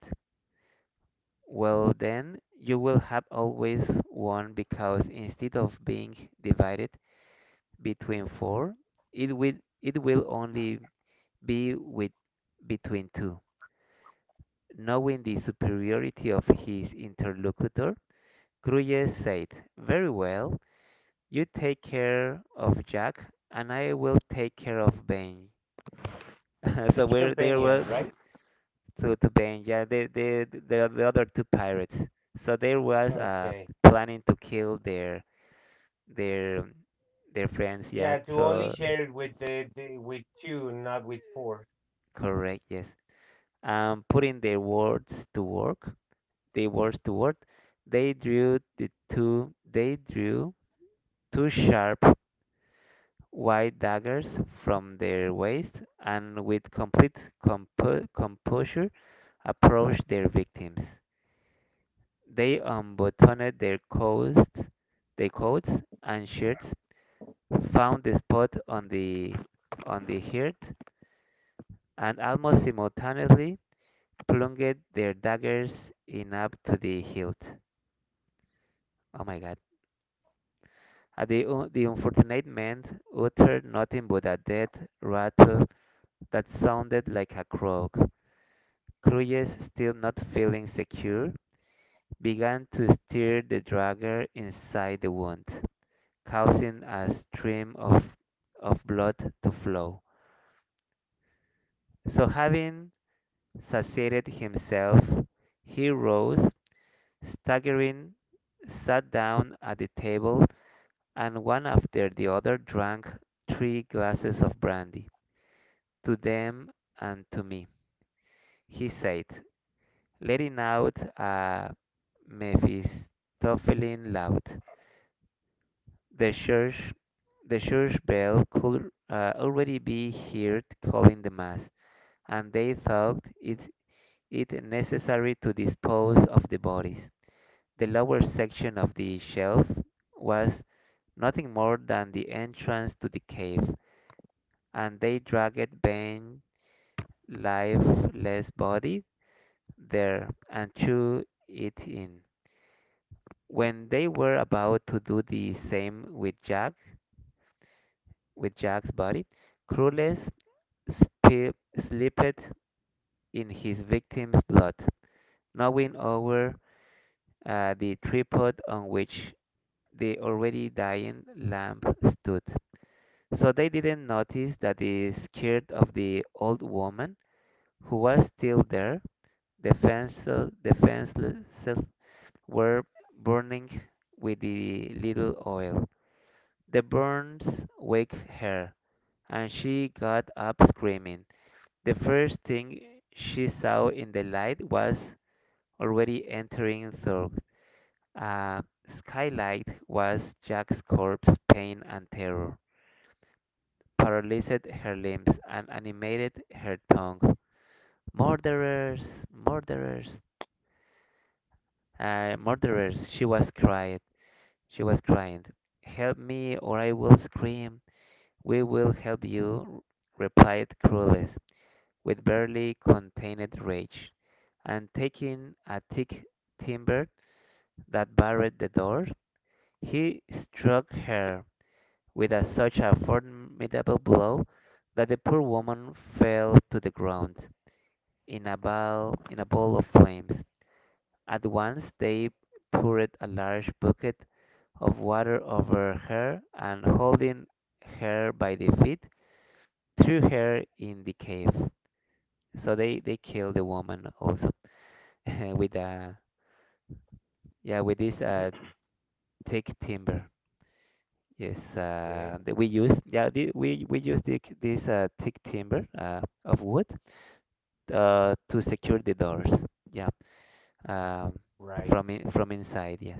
Speaker 1: Well, then, you will have always won because instead of being divided between four, it will, it will only be with, between two. Knowing the superiority of his interlocutor, Gruyere said, very well, you take care of Jack, and I will take care of Ben. So
Speaker 2: each
Speaker 1: we're, they
Speaker 2: companion,
Speaker 1: were
Speaker 2: right?
Speaker 1: to, to Ben, yeah, the, the, the, the other two pirates. So there was uh,
Speaker 2: Okay.
Speaker 1: planning to kill their their their friends, yeah,
Speaker 2: Yeah, to only
Speaker 1: so
Speaker 2: share it with the, the with two, not with four.
Speaker 1: correct, yes. Um, putting their words to work, their words to work, they drew the two, they drew two sharp white daggers from their waist, and with complete compo- composure approached their victims. They unbuttoned their coats, their coats and shirts, found the spot on the on the heart, and almost simultaneously plunged their daggers in up to the hilt. Oh my God! Uh, the, un- the unfortunate man uttered nothing but a dead rattle that sounded like a croak. Cruyff, still not feeling secure, began to stir the dagger inside the wound, causing a stream of, of blood to flow. So, having satiated himself, he rose, staggering, sat down at the table, and one after the other drank three glasses of brandy. To them and to me, he said, letting out a Mephistophelian laugh. The church, the church bell could uh, already be heard calling the mass, and they thought it, it necessary to dispose of the bodies. The lower section of the shelf was nothing more than the entrance to the cave, and they dragged Ben's lifeless body there and threw it in. When they were about to do the same with Jack, with Jack's body, Crueles spe- sleepeth in his victim's blood, gnawing over uh, the tripod on which the already dying lamb stood. So they didn't notice that the skirt of the old woman, who was still there, defenseless, defenseless were burning with the little oil. The burns waked her, and she got up screaming. The first thing she saw in the light was already entering through a skylight was Jack's corpse. Pain and terror paralyzed her limbs and animated her tongue. Murderers! Murderers! Uh, murderers! She was crying. She was crying. Help me, or I will scream. We will help you, replied Crueles, with barely contained rage, and taking a thick timber that barred the door, he struck her with a, such a formidable blow that the poor woman fell to the ground in a ball, in a ball of flames. At once they poured a large bucket of water over her, and holding her by the feet, threw her in the cave. So they, they killed the woman also. with uh yeah, with this uh thick timber, yes, uh
Speaker 2: Okay.
Speaker 1: that we use, yeah, the, we we use the, this uh thick timber uh of wood, uh to secure the doors, yeah, um
Speaker 2: Right.
Speaker 1: from in, from inside, yes.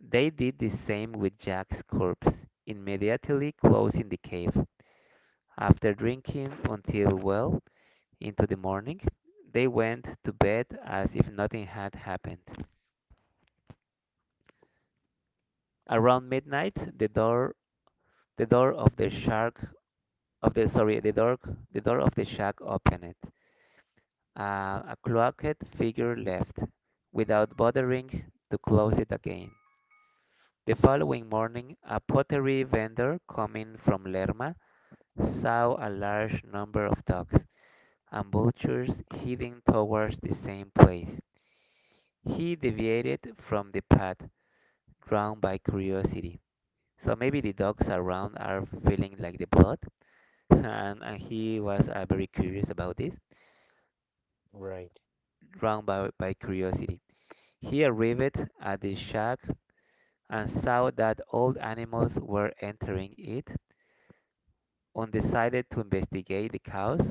Speaker 1: They did the same with Jack's corpse, immediately closing the cave. After drinking until well into the morning, they went to bed as if nothing had happened. Around midnight, the door the door of the shark of the sorry the door the door of the shack opened. Uh, a cloaked figure left, without bothering to close it again. The following morning, a pottery vendor coming from Lerma saw a large number of dogs and vultures heading towards the same place. He deviated from the path, drawn by curiosity. So maybe the dogs around are feeling like the blood, and, and he was uh, very curious about this.
Speaker 2: Right.
Speaker 1: Drawn by, by curiosity, he arrived at the shack and saw that old animals were entering it, and decided to investigate the cause.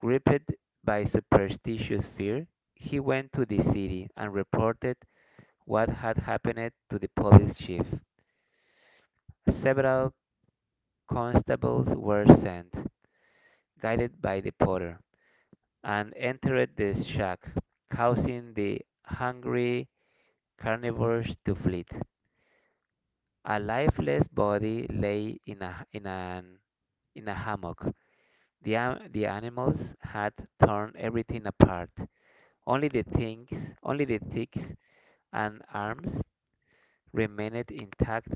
Speaker 1: Gripped by superstitious fear, he went to the city and reported what had happened to the police chief. Several constables were sent, guided by the porter, and entered the shack, causing the hungry carnivores to flee. A lifeless body lay in a in an in a hammock. The an- the animals had torn everything apart. Only the things, Only the twigs and arms remained intact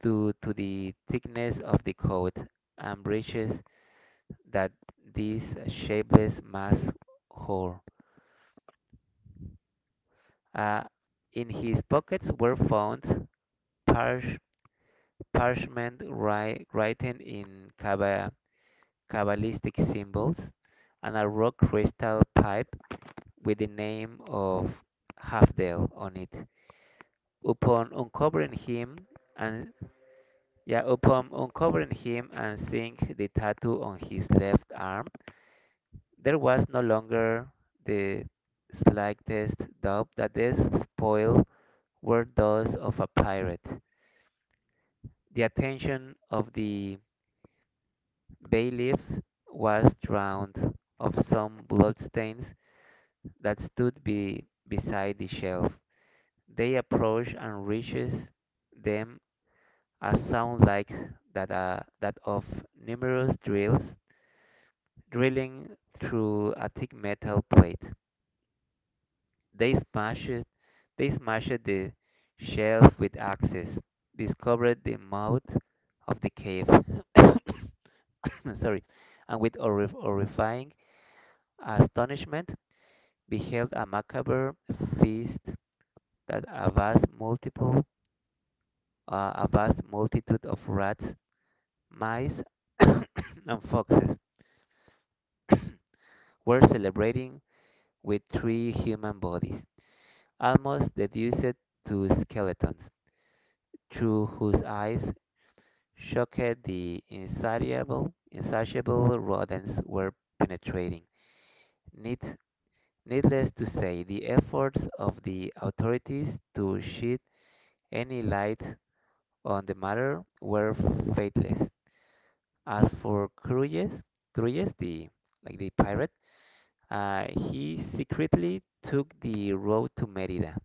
Speaker 1: due to the thickness of the coat and breeches that this shapeless mass wore. Uh, in his pockets were found parch- parchment wri- written in Kaba- Kabbalistic symbols, and a rock crystal pipe with the name of Hafdel on it. Upon uncovering him and yeah, Upon uncovering him and seeing the tattoo on his left arm, there was no longer the slightest doubt that these spoils were those of a pirate. The attention of the bailiff was drowned of some bloodstains that stood be, beside the shelf. They approach and reaches them a sound like that, uh, that of numerous drills drilling through a thick metal plate. They smash it, they smash it the shelf with axes, discovered the mouth of the cave. Sorry, and with horri- horrifying astonishment beheld a macabre feast that a vast multiple Uh, a vast multitude of rats, mice, and foxes were celebrating with three human bodies, almost reduced to skeletons, through whose eyes shocked the insatiable, insatiable rodents were penetrating. Need, Needless to say, the efforts of the authorities to shed any light on the matter were faithless. As for Crujes, Crujes the like the pirate, uh, he secretly took the road to Merida,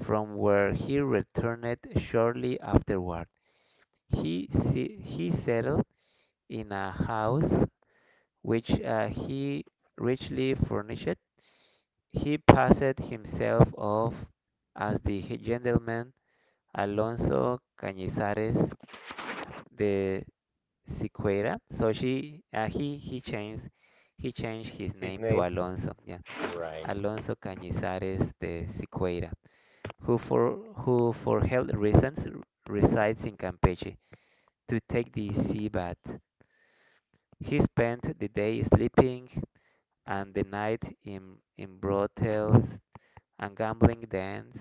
Speaker 1: from where he returned shortly afterward. He se- he settled in a house which, uh, he richly furnished. He passed himself off as the gentleman Alonso Cañizares, the Siqueira. So she, uh, he, he changed, he changed his
Speaker 2: His
Speaker 1: name to
Speaker 2: name.
Speaker 1: Alonso. Yeah,
Speaker 2: Right.
Speaker 1: Alonso Cañizares de Siqueira, who for who for health reasons r- resides in Campeche to take the sea bath. He spent the day sleeping and the night in in brothels and gambling dens.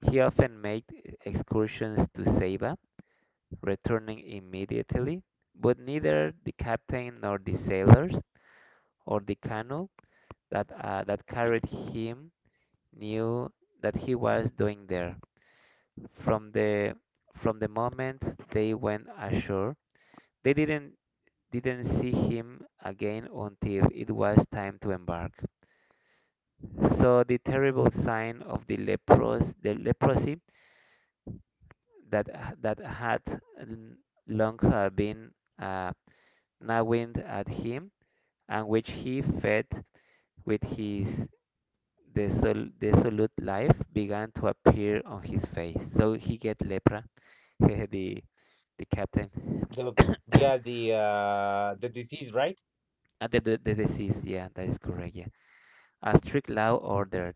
Speaker 1: He often made excursions to Ceiba, returning immediately, but neither the captain nor the sailors or the canoe that uh, that carried him knew that he was doing there. From the from the moment they went ashore, they didn't didn't see him again until it was time to embark. So the terrible sign of the lepros the leprosy that that had long uh, been, uh, gnawing at him, and which he fed with his Desol- desolate life began to appear on his face. So he get lepra, the the captain.
Speaker 2: The yeah the uh, the disease, right?
Speaker 1: Uh, the, the, the disease, yeah, that is correct, yeah. A strict law ordered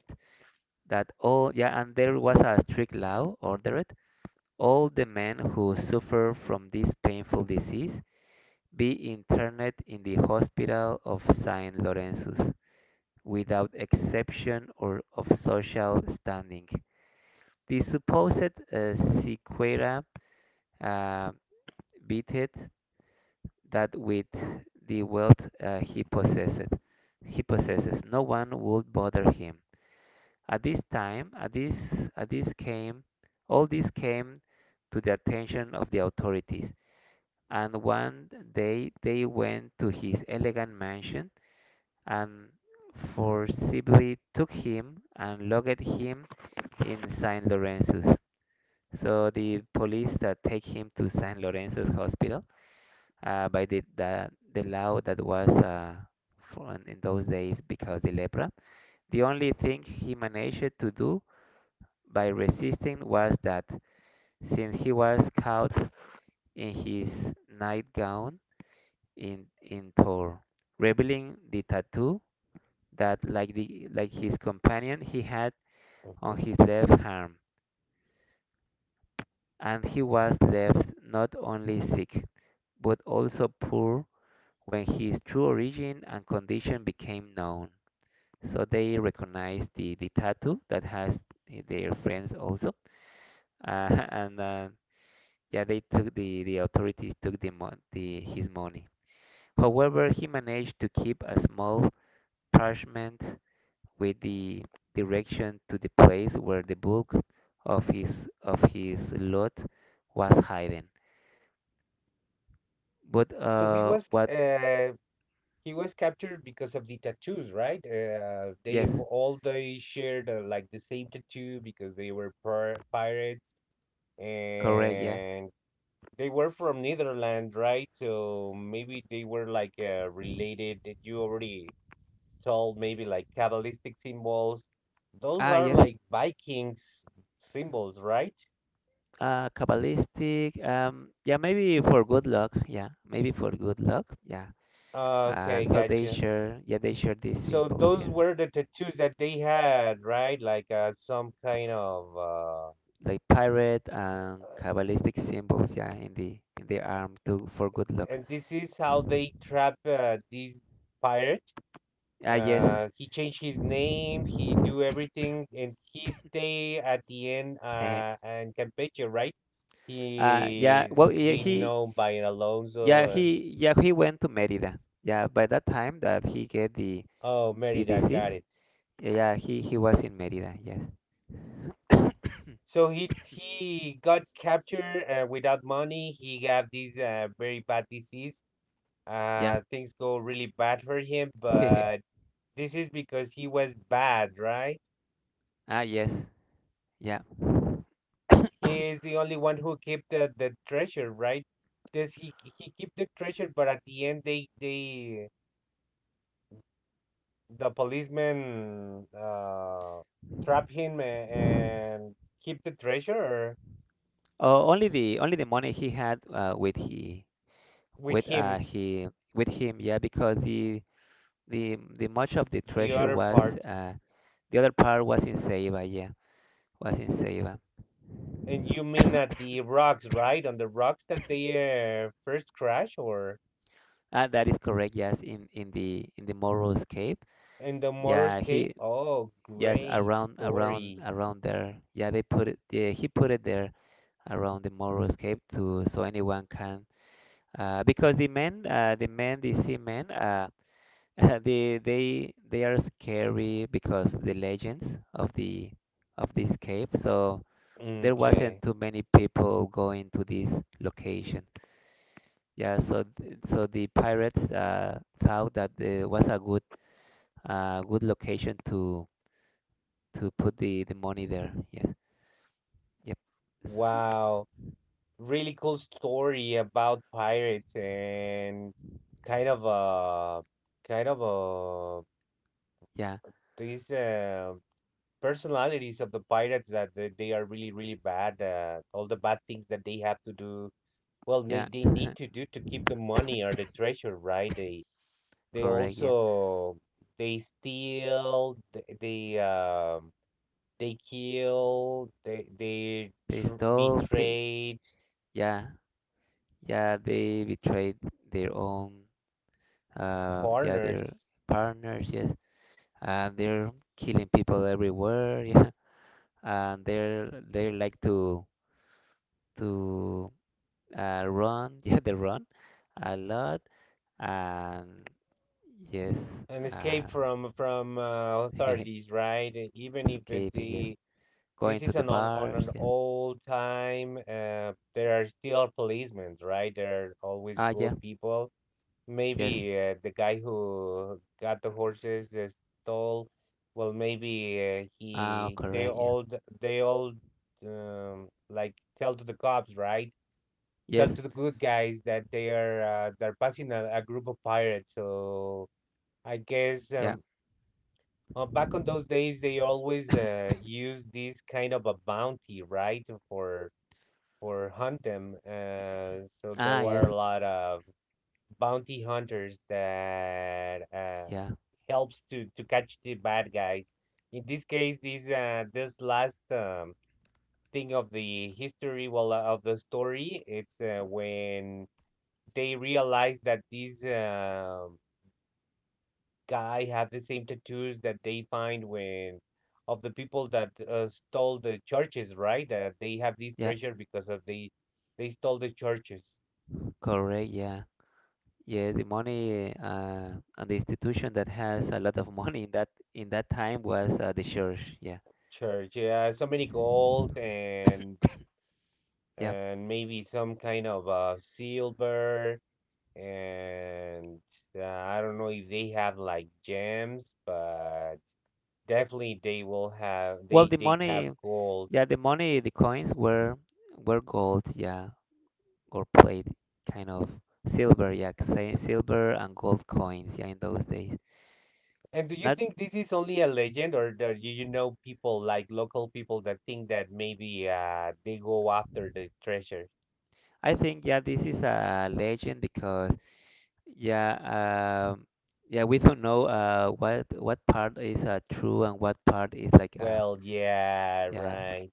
Speaker 1: that all, yeah, and there was a strict law ordered all the men who suffer from this painful disease be interned in the hospital of Saint Lorenzus without exception or of social standing. The supposed, uh, sequela uh, beated that with the wealth uh, he possessed. He possesses. No one would bother him. At this time, at this, at this came, All this came to the attention of the authorities. And one day they went to his elegant mansion and forcibly took him and locked him in Saint Lorenzo's. So the police that take him to Saint Lorenzo's Hospital, uh, by the, the the law that was uh, from in those days because the lepra. The only thing he managed to do by resisting was that since he was caught in his nightgown in in Tor, revealing the tattoo that like the like his companion he had
Speaker 2: Mhm.
Speaker 1: on his left arm, and he was left not only sick but also poor when his true origin and condition became known. So they recognize the, the tattoo that has, eh, their friends also, uh, and uh, yeah, they took the, the authorities took the, mon- the his money. However, he managed to keep a small parchment with the direction to the place where the bulk of his of his loot was hidden. But
Speaker 2: So he
Speaker 1: uh,
Speaker 2: was
Speaker 1: what?
Speaker 2: uh, he was captured because of the tattoos, right? Uh, they
Speaker 1: Yes,
Speaker 2: w- all they shared uh, like the same tattoo because they were pir- pirates
Speaker 1: correct. Yeah.
Speaker 2: and they were from Netherlands, right? So maybe they were like uh, related that you already told, maybe like Kabbalistic symbols. Those
Speaker 1: Ah,
Speaker 2: are
Speaker 1: yes.
Speaker 2: like Vikings symbols, right?
Speaker 1: Uh, Kabbalistic. Um, yeah, maybe for good luck. Yeah, maybe for good luck. Yeah. Uh,
Speaker 2: Okay,
Speaker 1: so they
Speaker 2: gotcha.
Speaker 1: share. Yeah, they share these
Speaker 2: So
Speaker 1: symbols.
Speaker 2: those
Speaker 1: Yeah,
Speaker 2: were the tattoos that they had, right? Like uh, some kind of, uh,
Speaker 1: like pirate and Kabbalistic symbols. Yeah, in the in the arm to for good luck.
Speaker 2: and this is how they trap uh, these pirates.
Speaker 1: Ah, yes.
Speaker 2: Uh, he changed his name. He do everything, and he stay at the end uh, in Campeche, right?
Speaker 1: Uh, yeah.
Speaker 2: He's
Speaker 1: Well, yeah,
Speaker 2: been
Speaker 1: he.
Speaker 2: known by Alonso
Speaker 1: Yeah,
Speaker 2: and
Speaker 1: he. Yeah, he went to Merida. Yeah, by that time that he get the
Speaker 2: oh,
Speaker 1: the
Speaker 2: Merida got
Speaker 1: disease.
Speaker 2: it.
Speaker 1: Yeah, he he was in Merida. Yes.
Speaker 2: So he he got captured uh, without money. He got this uh, very bad disease.
Speaker 1: Yeah.
Speaker 2: Uh, things go really bad for him, but this is because he was bad, right?
Speaker 1: Ah, yes. Yeah.
Speaker 2: He is the only one who keep the, the treasure, right? This he he keep the treasure, but at the end they they the policeman uh, trap him a- and keep the treasure or
Speaker 1: Oh, only the only the money he had, uh, with he with
Speaker 2: with
Speaker 1: uh
Speaker 2: him
Speaker 1: he with him, yeah, because the the the much of the
Speaker 2: the
Speaker 1: treasure
Speaker 2: other
Speaker 1: was,
Speaker 2: part.
Speaker 1: uh the other part was in Ceiba, yeah, was in Ceiba.
Speaker 2: And you mean at the rocks, right? On the rocks that they uh, first crash or
Speaker 1: Ah, that is correct, yes, in in the in the Moro's cave,
Speaker 2: in the Morris
Speaker 1: yeah,
Speaker 2: cave?
Speaker 1: he
Speaker 2: Oh,
Speaker 1: yes,
Speaker 2: great
Speaker 1: around around
Speaker 2: story.
Speaker 1: around there, yeah, they put it, yeah, he put it there around the Moro's cave to so anyone can, uh because the men uh the men the seamen, uh. they they they are scary because the legends of the of this cave. So there wasn't
Speaker 2: Okay.
Speaker 1: too many people going to this location. Yeah, so th- so the pirates, uh, thought that it was a good, uh, good location to to put the, the money there. Yeah. Yep. S-
Speaker 2: Wow. Really cool story about pirates and kind of uh kind of uh
Speaker 1: yeah.
Speaker 2: these uh, personalities of the pirates that they, they are really really bad, uh, all the bad things that they have to do, well, they,
Speaker 1: Yeah.
Speaker 2: they need to do to keep the money or the treasure, right? They they
Speaker 1: Correct. Yeah.
Speaker 2: also they steal th- they um they kill they they
Speaker 1: They
Speaker 2: tr-
Speaker 1: stole. ca-
Speaker 2: betray
Speaker 1: Yeah. Yeah. They betrayed their own. uh yeah, they're
Speaker 2: partners,
Speaker 1: partners, yes, and they're killing people everywhere. Yeah, and they're they like to to uh, run. Yeah, they run a lot and yes.
Speaker 2: an escape
Speaker 1: uh
Speaker 2: from from uh, authorities, right? E, Even if it,
Speaker 1: Escaping, yes,
Speaker 2: the
Speaker 1: going
Speaker 2: this
Speaker 1: to
Speaker 2: is
Speaker 1: the
Speaker 2: an on, on
Speaker 1: bars,
Speaker 2: an
Speaker 1: yes.
Speaker 2: old time, uh, there are still policemen, right? There are always
Speaker 1: Ah,
Speaker 2: good
Speaker 1: yeah,
Speaker 2: people.
Speaker 1: yes.
Speaker 2: Maybe uh, the guy who got the horses uh, stole. Well, maybe uh,
Speaker 1: Ah,
Speaker 2: he they
Speaker 1: correct, yeah,
Speaker 2: all d- they all um, like tell to the cops, right? Tell
Speaker 1: yes,
Speaker 2: to the good guys that they are uh, they're passing a, a group of pirates. So I guess
Speaker 1: yeah.
Speaker 2: um, uh, back on those days, they always uh, used this kind of a bounty, right, for for hunt them. Uh, so there
Speaker 1: Ah,
Speaker 2: were
Speaker 1: yes,
Speaker 2: a lot of bounty hunters that uh,
Speaker 1: yeah,
Speaker 2: helps to to catch the bad guys. In this case, this uh, this last um, thing of the history, well, uh, of the story, it's uh, when they realize that these um guy have the same tattoos that they find when of the people that uh, stole the churches, right? Uh, they have this
Speaker 1: yeah,
Speaker 2: treasure because of they they stole the churches.
Speaker 1: correct, yeah. Yeah, the money, uh, and the institution that has a lot of money in that in that time was, uh, the church. Yeah,
Speaker 2: Church, yeah, so many gold and
Speaker 1: yeah.
Speaker 2: and maybe some kind of uh, silver and uh, I don't know if they have like gems, but definitely they will have
Speaker 1: Well,
Speaker 2: they
Speaker 1: the
Speaker 2: they have
Speaker 1: money,
Speaker 2: gold.
Speaker 1: yeah, the money, the coins were were gold, yeah, or plate, kind of silver, yeah, say silver and gold coins, yeah, in those days.
Speaker 2: And do you
Speaker 1: Not,
Speaker 2: think this is only a legend, or do you you know people, like local people, that think that maybe uh they go after the treasure?
Speaker 1: I think, yeah, this is a legend because, yeah, um, yeah, we don't know uh, what what part is uh, true and what part is like, uh,
Speaker 2: Well, yeah,
Speaker 1: yeah,
Speaker 2: right.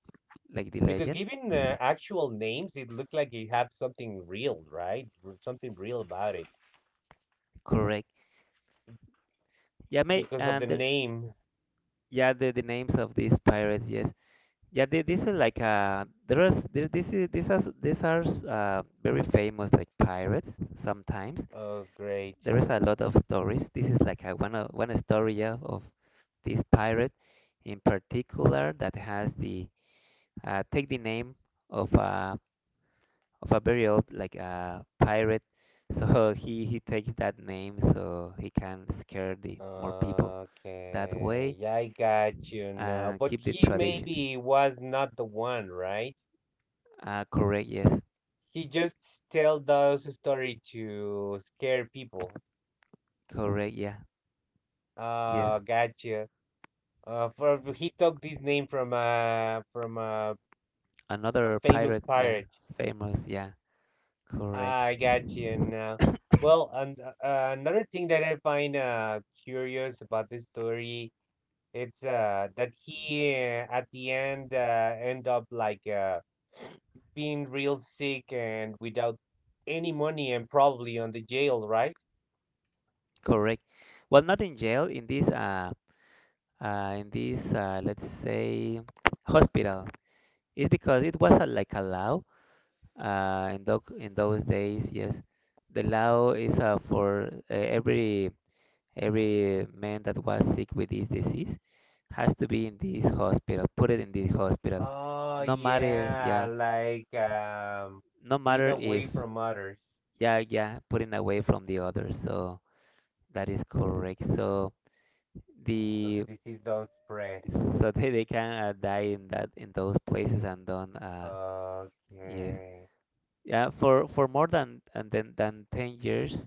Speaker 1: like the
Speaker 2: Because
Speaker 1: legend.
Speaker 2: given uh, actual names, it looked like it had something real, right? R- Something real about it,
Speaker 1: Correct. Yeah, mate,
Speaker 2: because of the
Speaker 1: and the,
Speaker 2: name.
Speaker 1: yeah, the, the names of these pirates, yes. Yeah, they, this is like, uh, there is there, this is this is these are, uh, very famous like pirates. Sometimes
Speaker 2: Oh, great.
Speaker 1: there is a lot of stories. This is like a, one of, one story, yeah, of this pirate in particular that has the, uh, take the name of a, of a very old like, uh, pirate. So he he takes that name so he can scare the more people that
Speaker 2: Okay,
Speaker 1: way.
Speaker 2: yeah, I got you now.
Speaker 1: Uh,
Speaker 2: But
Speaker 1: keep the
Speaker 2: he
Speaker 1: tradition.
Speaker 2: maybe was not the one, right?
Speaker 1: Uh, correct, yes.
Speaker 2: He just tell those story to scare people.
Speaker 1: Correct, yeah. Yes.
Speaker 2: Ah, gotcha. Uh, for he took this name from uh from uh, a
Speaker 1: Another
Speaker 2: famous
Speaker 1: pirate, yeah.
Speaker 2: pirate.
Speaker 1: Famous, yeah. Correct.
Speaker 2: Ah, I got you now. Well, and uh, uh, another thing that I find uh curious about this story, it's uh that he uh, at the end uh end up like uh being real sick and without any money and probably on the jail, right?
Speaker 1: Correct. Well, not in jail, in this, uh, uh in this, uh, let's say hospital. It's because it was a, like a law uh in those, in those days, yes. The law is, uh, for, uh, every every man that was sick with this disease has to be in this hospital. Put it in this hospital.
Speaker 2: Oh
Speaker 1: No matter,
Speaker 2: yeah,
Speaker 1: yeah,
Speaker 2: like um
Speaker 1: no
Speaker 2: being
Speaker 1: matter if,
Speaker 2: away from others.
Speaker 1: yeah, yeah, putting away from the other, so that is correct. So
Speaker 2: So the
Speaker 1: the
Speaker 2: disease don't spread.
Speaker 1: so they, they can uh, die in that in those places and don't uh, yes.
Speaker 2: Okay.
Speaker 1: Yeah, for for more than, and then than ten years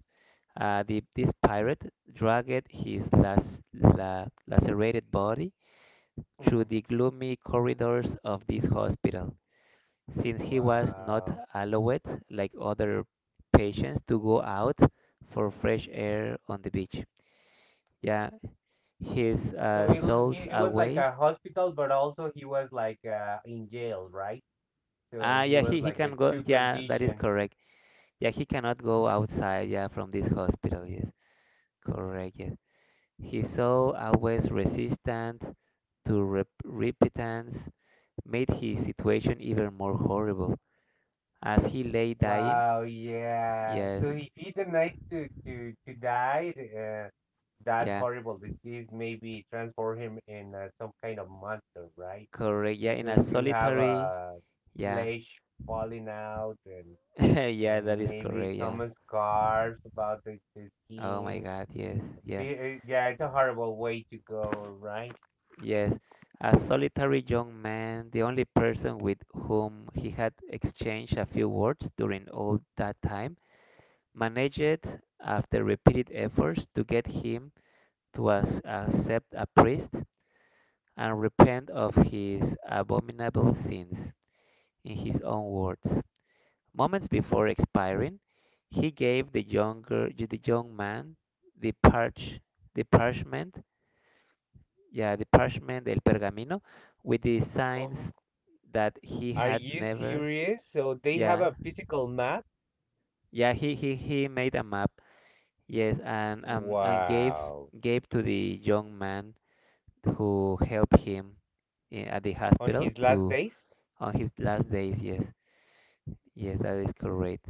Speaker 1: uh the this pirate dragged his las, la, lacerated body through
Speaker 2: Mhm.
Speaker 1: the gloomy corridors of this hospital, since he was not
Speaker 2: Wow.
Speaker 1: allowed, like other patients, to go out for fresh air on the beach. Yeah, his
Speaker 2: So
Speaker 1: uh,
Speaker 2: it, l-
Speaker 1: soul's
Speaker 2: it it was like
Speaker 1: away.
Speaker 2: a hospital, but also he was like uh, in jail, right? So
Speaker 1: Ah,
Speaker 2: he
Speaker 1: yeah,
Speaker 2: was
Speaker 1: he, he
Speaker 2: like a
Speaker 1: can go.
Speaker 2: two
Speaker 1: Yeah, that is
Speaker 2: condition.
Speaker 1: correct. Yeah, he cannot go outside, yeah, from this hospital. Yes, correct. Yes, his soul, always resistant to rep- repentance, made his situation even more horrible as he lay dying.
Speaker 2: Wow, yeah.
Speaker 1: Yes,
Speaker 2: So if he denied to to to die, uh, that
Speaker 1: yeah,
Speaker 2: horrible disease maybe transform him in uh, some kind of monster, right?
Speaker 1: correct. Yeah, in
Speaker 2: Because
Speaker 1: a
Speaker 2: you have a
Speaker 1: solitary.
Speaker 2: uh,
Speaker 1: Yeah.
Speaker 2: flesh falling out and
Speaker 1: Yeah, that
Speaker 2: and
Speaker 1: is
Speaker 2: maybe
Speaker 1: correct. Yeah.
Speaker 2: some scarves about the, the
Speaker 1: Oh my
Speaker 2: skin.
Speaker 1: God. Yes. Yeah.
Speaker 2: The, uh, yeah, it's a horrible way to go, right?
Speaker 1: Yes. A solitary young man, the only person with whom he had exchanged a few words during all that time, managed, after repeated efforts, to get him to as- accept a priest and repent of his abominable sins, in his own words. Moments before expiring, he gave the younger, the young man the parch, the parchment, yeah, the parchment, el pergamino, with the signs
Speaker 2: Oh,
Speaker 1: that he
Speaker 2: are
Speaker 1: had
Speaker 2: you
Speaker 1: never.
Speaker 2: serious? So they have
Speaker 1: Yeah,
Speaker 2: a physical map?
Speaker 1: yeah, he he he made a map. Yes, and um and gave,
Speaker 2: Wow.
Speaker 1: gave to the young man who helped him, i- at the
Speaker 2: On
Speaker 1: hospital,
Speaker 2: his last
Speaker 1: to
Speaker 2: days?
Speaker 1: on his last days. Yes, yes, that is correct.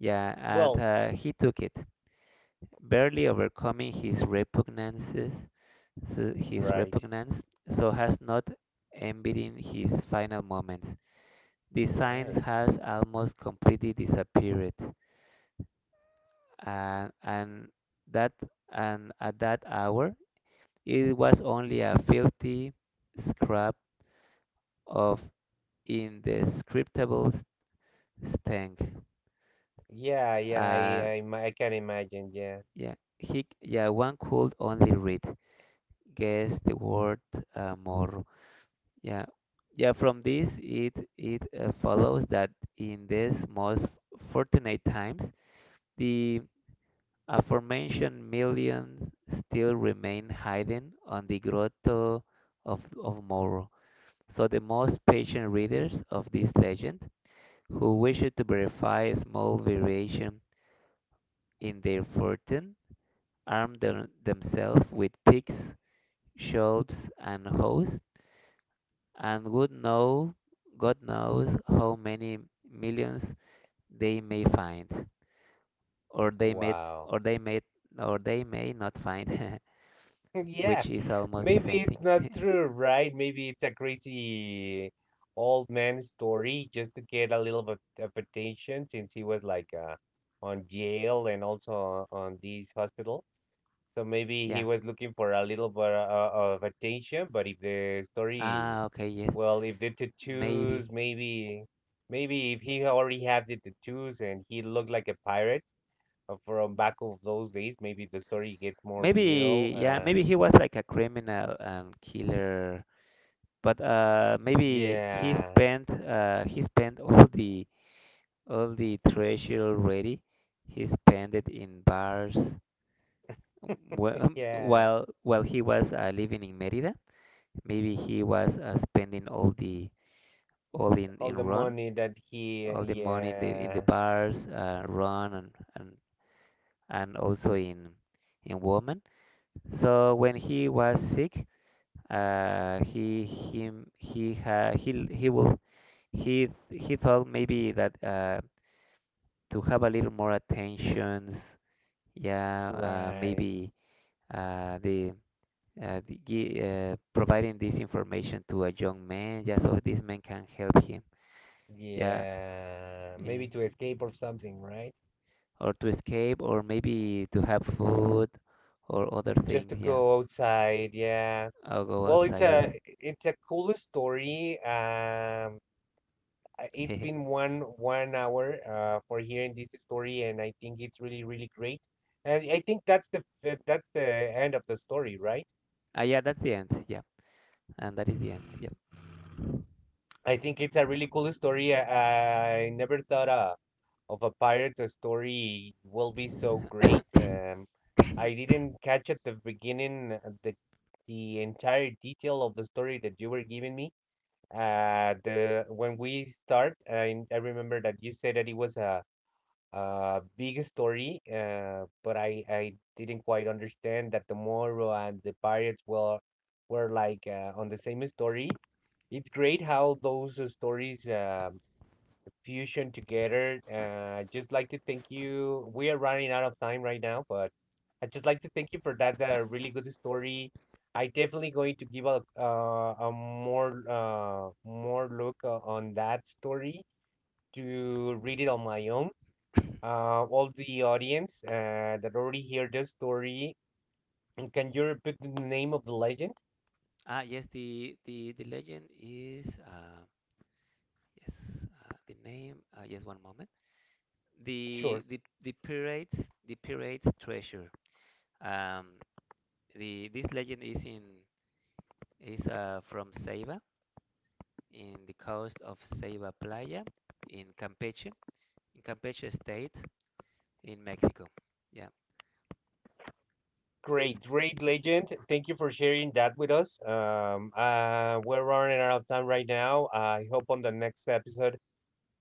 Speaker 1: Yeah, and
Speaker 2: Well,
Speaker 1: uh, he took it, barely overcoming his repugnances, so his
Speaker 2: right,
Speaker 1: repugnance, so has not envied in his final moments. The science
Speaker 2: right.
Speaker 1: has almost completely disappeared, and and that, and at that hour it was only a filthy scrap of indescribable s- stank.
Speaker 2: Yeah, yeah,
Speaker 1: uh,
Speaker 2: I, I, ma- I can imagine, yeah.
Speaker 1: yeah, he yeah, one could only read, guess the word, uh, more. Yeah, yeah, from this it it uh, follows that in these most fortunate times the aforementioned millions still remain hidden on the grotto of, of Moro. So the most patient readers of this legend who wish to verify a small variation in their fortune arm them, themselves with picks, shovels, and hoes, and would know God knows how many millions they may find, or they may,
Speaker 2: Wow.
Speaker 1: or they may, or they may not find.
Speaker 2: Yeah,
Speaker 1: Which is almost the
Speaker 2: maybe
Speaker 1: same thing.
Speaker 2: it's not true, right? Maybe it's a crazy old man story, just to get a little bit of attention, since he was like uh, on jail and also on this hospital. So maybe he
Speaker 1: Yeah.
Speaker 2: was looking for a little bit uh, of attention. But if the story,
Speaker 1: Ah, okay, yes.
Speaker 2: well, if the
Speaker 1: Maybe.
Speaker 2: tattoos, maybe, maybe if he already have the tattoos and he looked like a pirate uh, from back of those days, maybe the story gets more real.
Speaker 1: Maybe, yeah,
Speaker 2: Uh,
Speaker 1: maybe he was like a criminal and killer, but uh, maybe he
Speaker 2: yeah.
Speaker 1: spent, uh he spent all the, all the treasure already. He spent it in bars wh-
Speaker 2: Yeah,
Speaker 1: while while he was uh, living in Merida. Maybe he was uh, spending all the, all in in
Speaker 2: all the
Speaker 1: run,
Speaker 2: money that he,
Speaker 1: all the money in the, in the
Speaker 2: yeah,
Speaker 1: bars, uh, run, and and and also in in women. So when he was sick, uh, he him he ha, he he will he he thought maybe that uh, to have a little more attentions, yeah, uh,
Speaker 2: right.
Speaker 1: maybe uh, the. Uh, the, gi- uh, providing this information to a young man, yeah, so this man can help him, yeah,
Speaker 2: Yeah, maybe
Speaker 1: eh,
Speaker 2: to escape or something, right?
Speaker 1: or to escape, or maybe to have food, or other
Speaker 2: Just to
Speaker 1: things, yeah.
Speaker 2: go outside, yeah.
Speaker 1: I'll go
Speaker 2: Well, it's
Speaker 1: outside, yes.
Speaker 2: a it's a cool story. Um, I- it's been one one hour uh for hearing this story, and I think it's really really great. And I think that's the f- that's the end of the story, right?
Speaker 1: Uh, yeah, that's the end. Yeah, and that is the end. Yeah.
Speaker 2: I think it's a really cool story. I, I never thought of. Of a pirate story will be so great. Um, I didn't catch at the beginning uh, the the entire detail of the story that you were giving me. Uh, the when we start, I, I remember that you said that it was a a big story. Uh, but I I didn't quite understand that the Moro and the pirates were were like uh, on the same story. It's great how those uh, stories. Um, fusion together. Uh, just like to thank you. We are running out of time right now, but I just like to thank you for that uh, really good story. I definitely going to give a uh, a more uh, more look uh, on that story to read it on my own. Uh, all the audience uh, that already heard this story, can you repeat the name of the legend?
Speaker 1: Ah, yes. The the the legend is uh, yes. Uh, the name. Uh, yes. One moment.
Speaker 2: Sure.
Speaker 1: The the the pirates the pirates treasure. Um, the, this legend is in, is uh, from Ceiba, in the coast of Ceiba Playa, in Campeche, in Campeche state, in Mexico. Yeah.
Speaker 2: Great, great legend. Thank you for sharing that with us. Um, uh, we're running out of time right now. I hope on the next episode,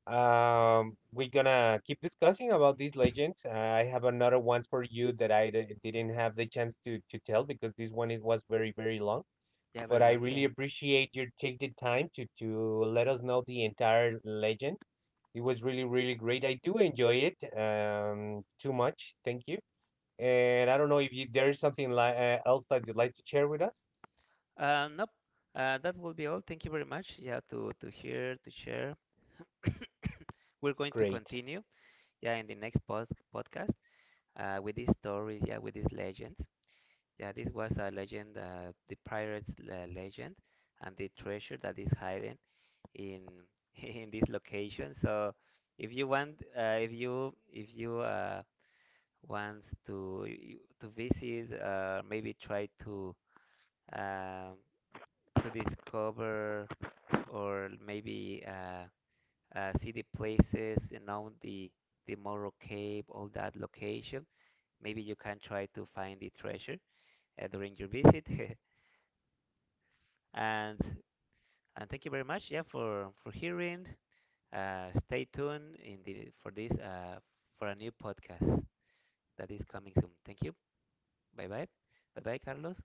Speaker 2: um, we're gonna keep discussing about these legends. I have another one for you that I d- didn't have the chance to to tell, because this one it was very very long.
Speaker 1: Yeah. Very
Speaker 2: But I
Speaker 1: long.
Speaker 2: really appreciate your take the time to to let us know the entire legend. It was really really great. I do enjoy it um too much. Thank you. And I don't know if you, there is something like uh, else that you'd like to share with us.
Speaker 1: Uh, nope. Uh, that will be all. Thank you very much. Yeah. To to hear, to share. We're going to
Speaker 2: Great.
Speaker 1: continue, yeah, in the next pod- podcast, uh, with these stories, yeah, with these legends. Yeah, this was a legend, uh, the pirates uh, legend, and the treasure that is hidden in in this location. So, if you want, uh, if you if you uh, wants to y- to visit, uh, maybe try to um, to discover, or maybe uh, uh, see the places, you know, the the Morro Cave, all that location. Maybe you can try to find the treasure uh, during your visit. And and thank you very much, yeah, for for hearing. Uh, stay tuned in the, for this uh, for a new podcast that is coming soon. Thank you. Bye bye. Bye bye, Carlos.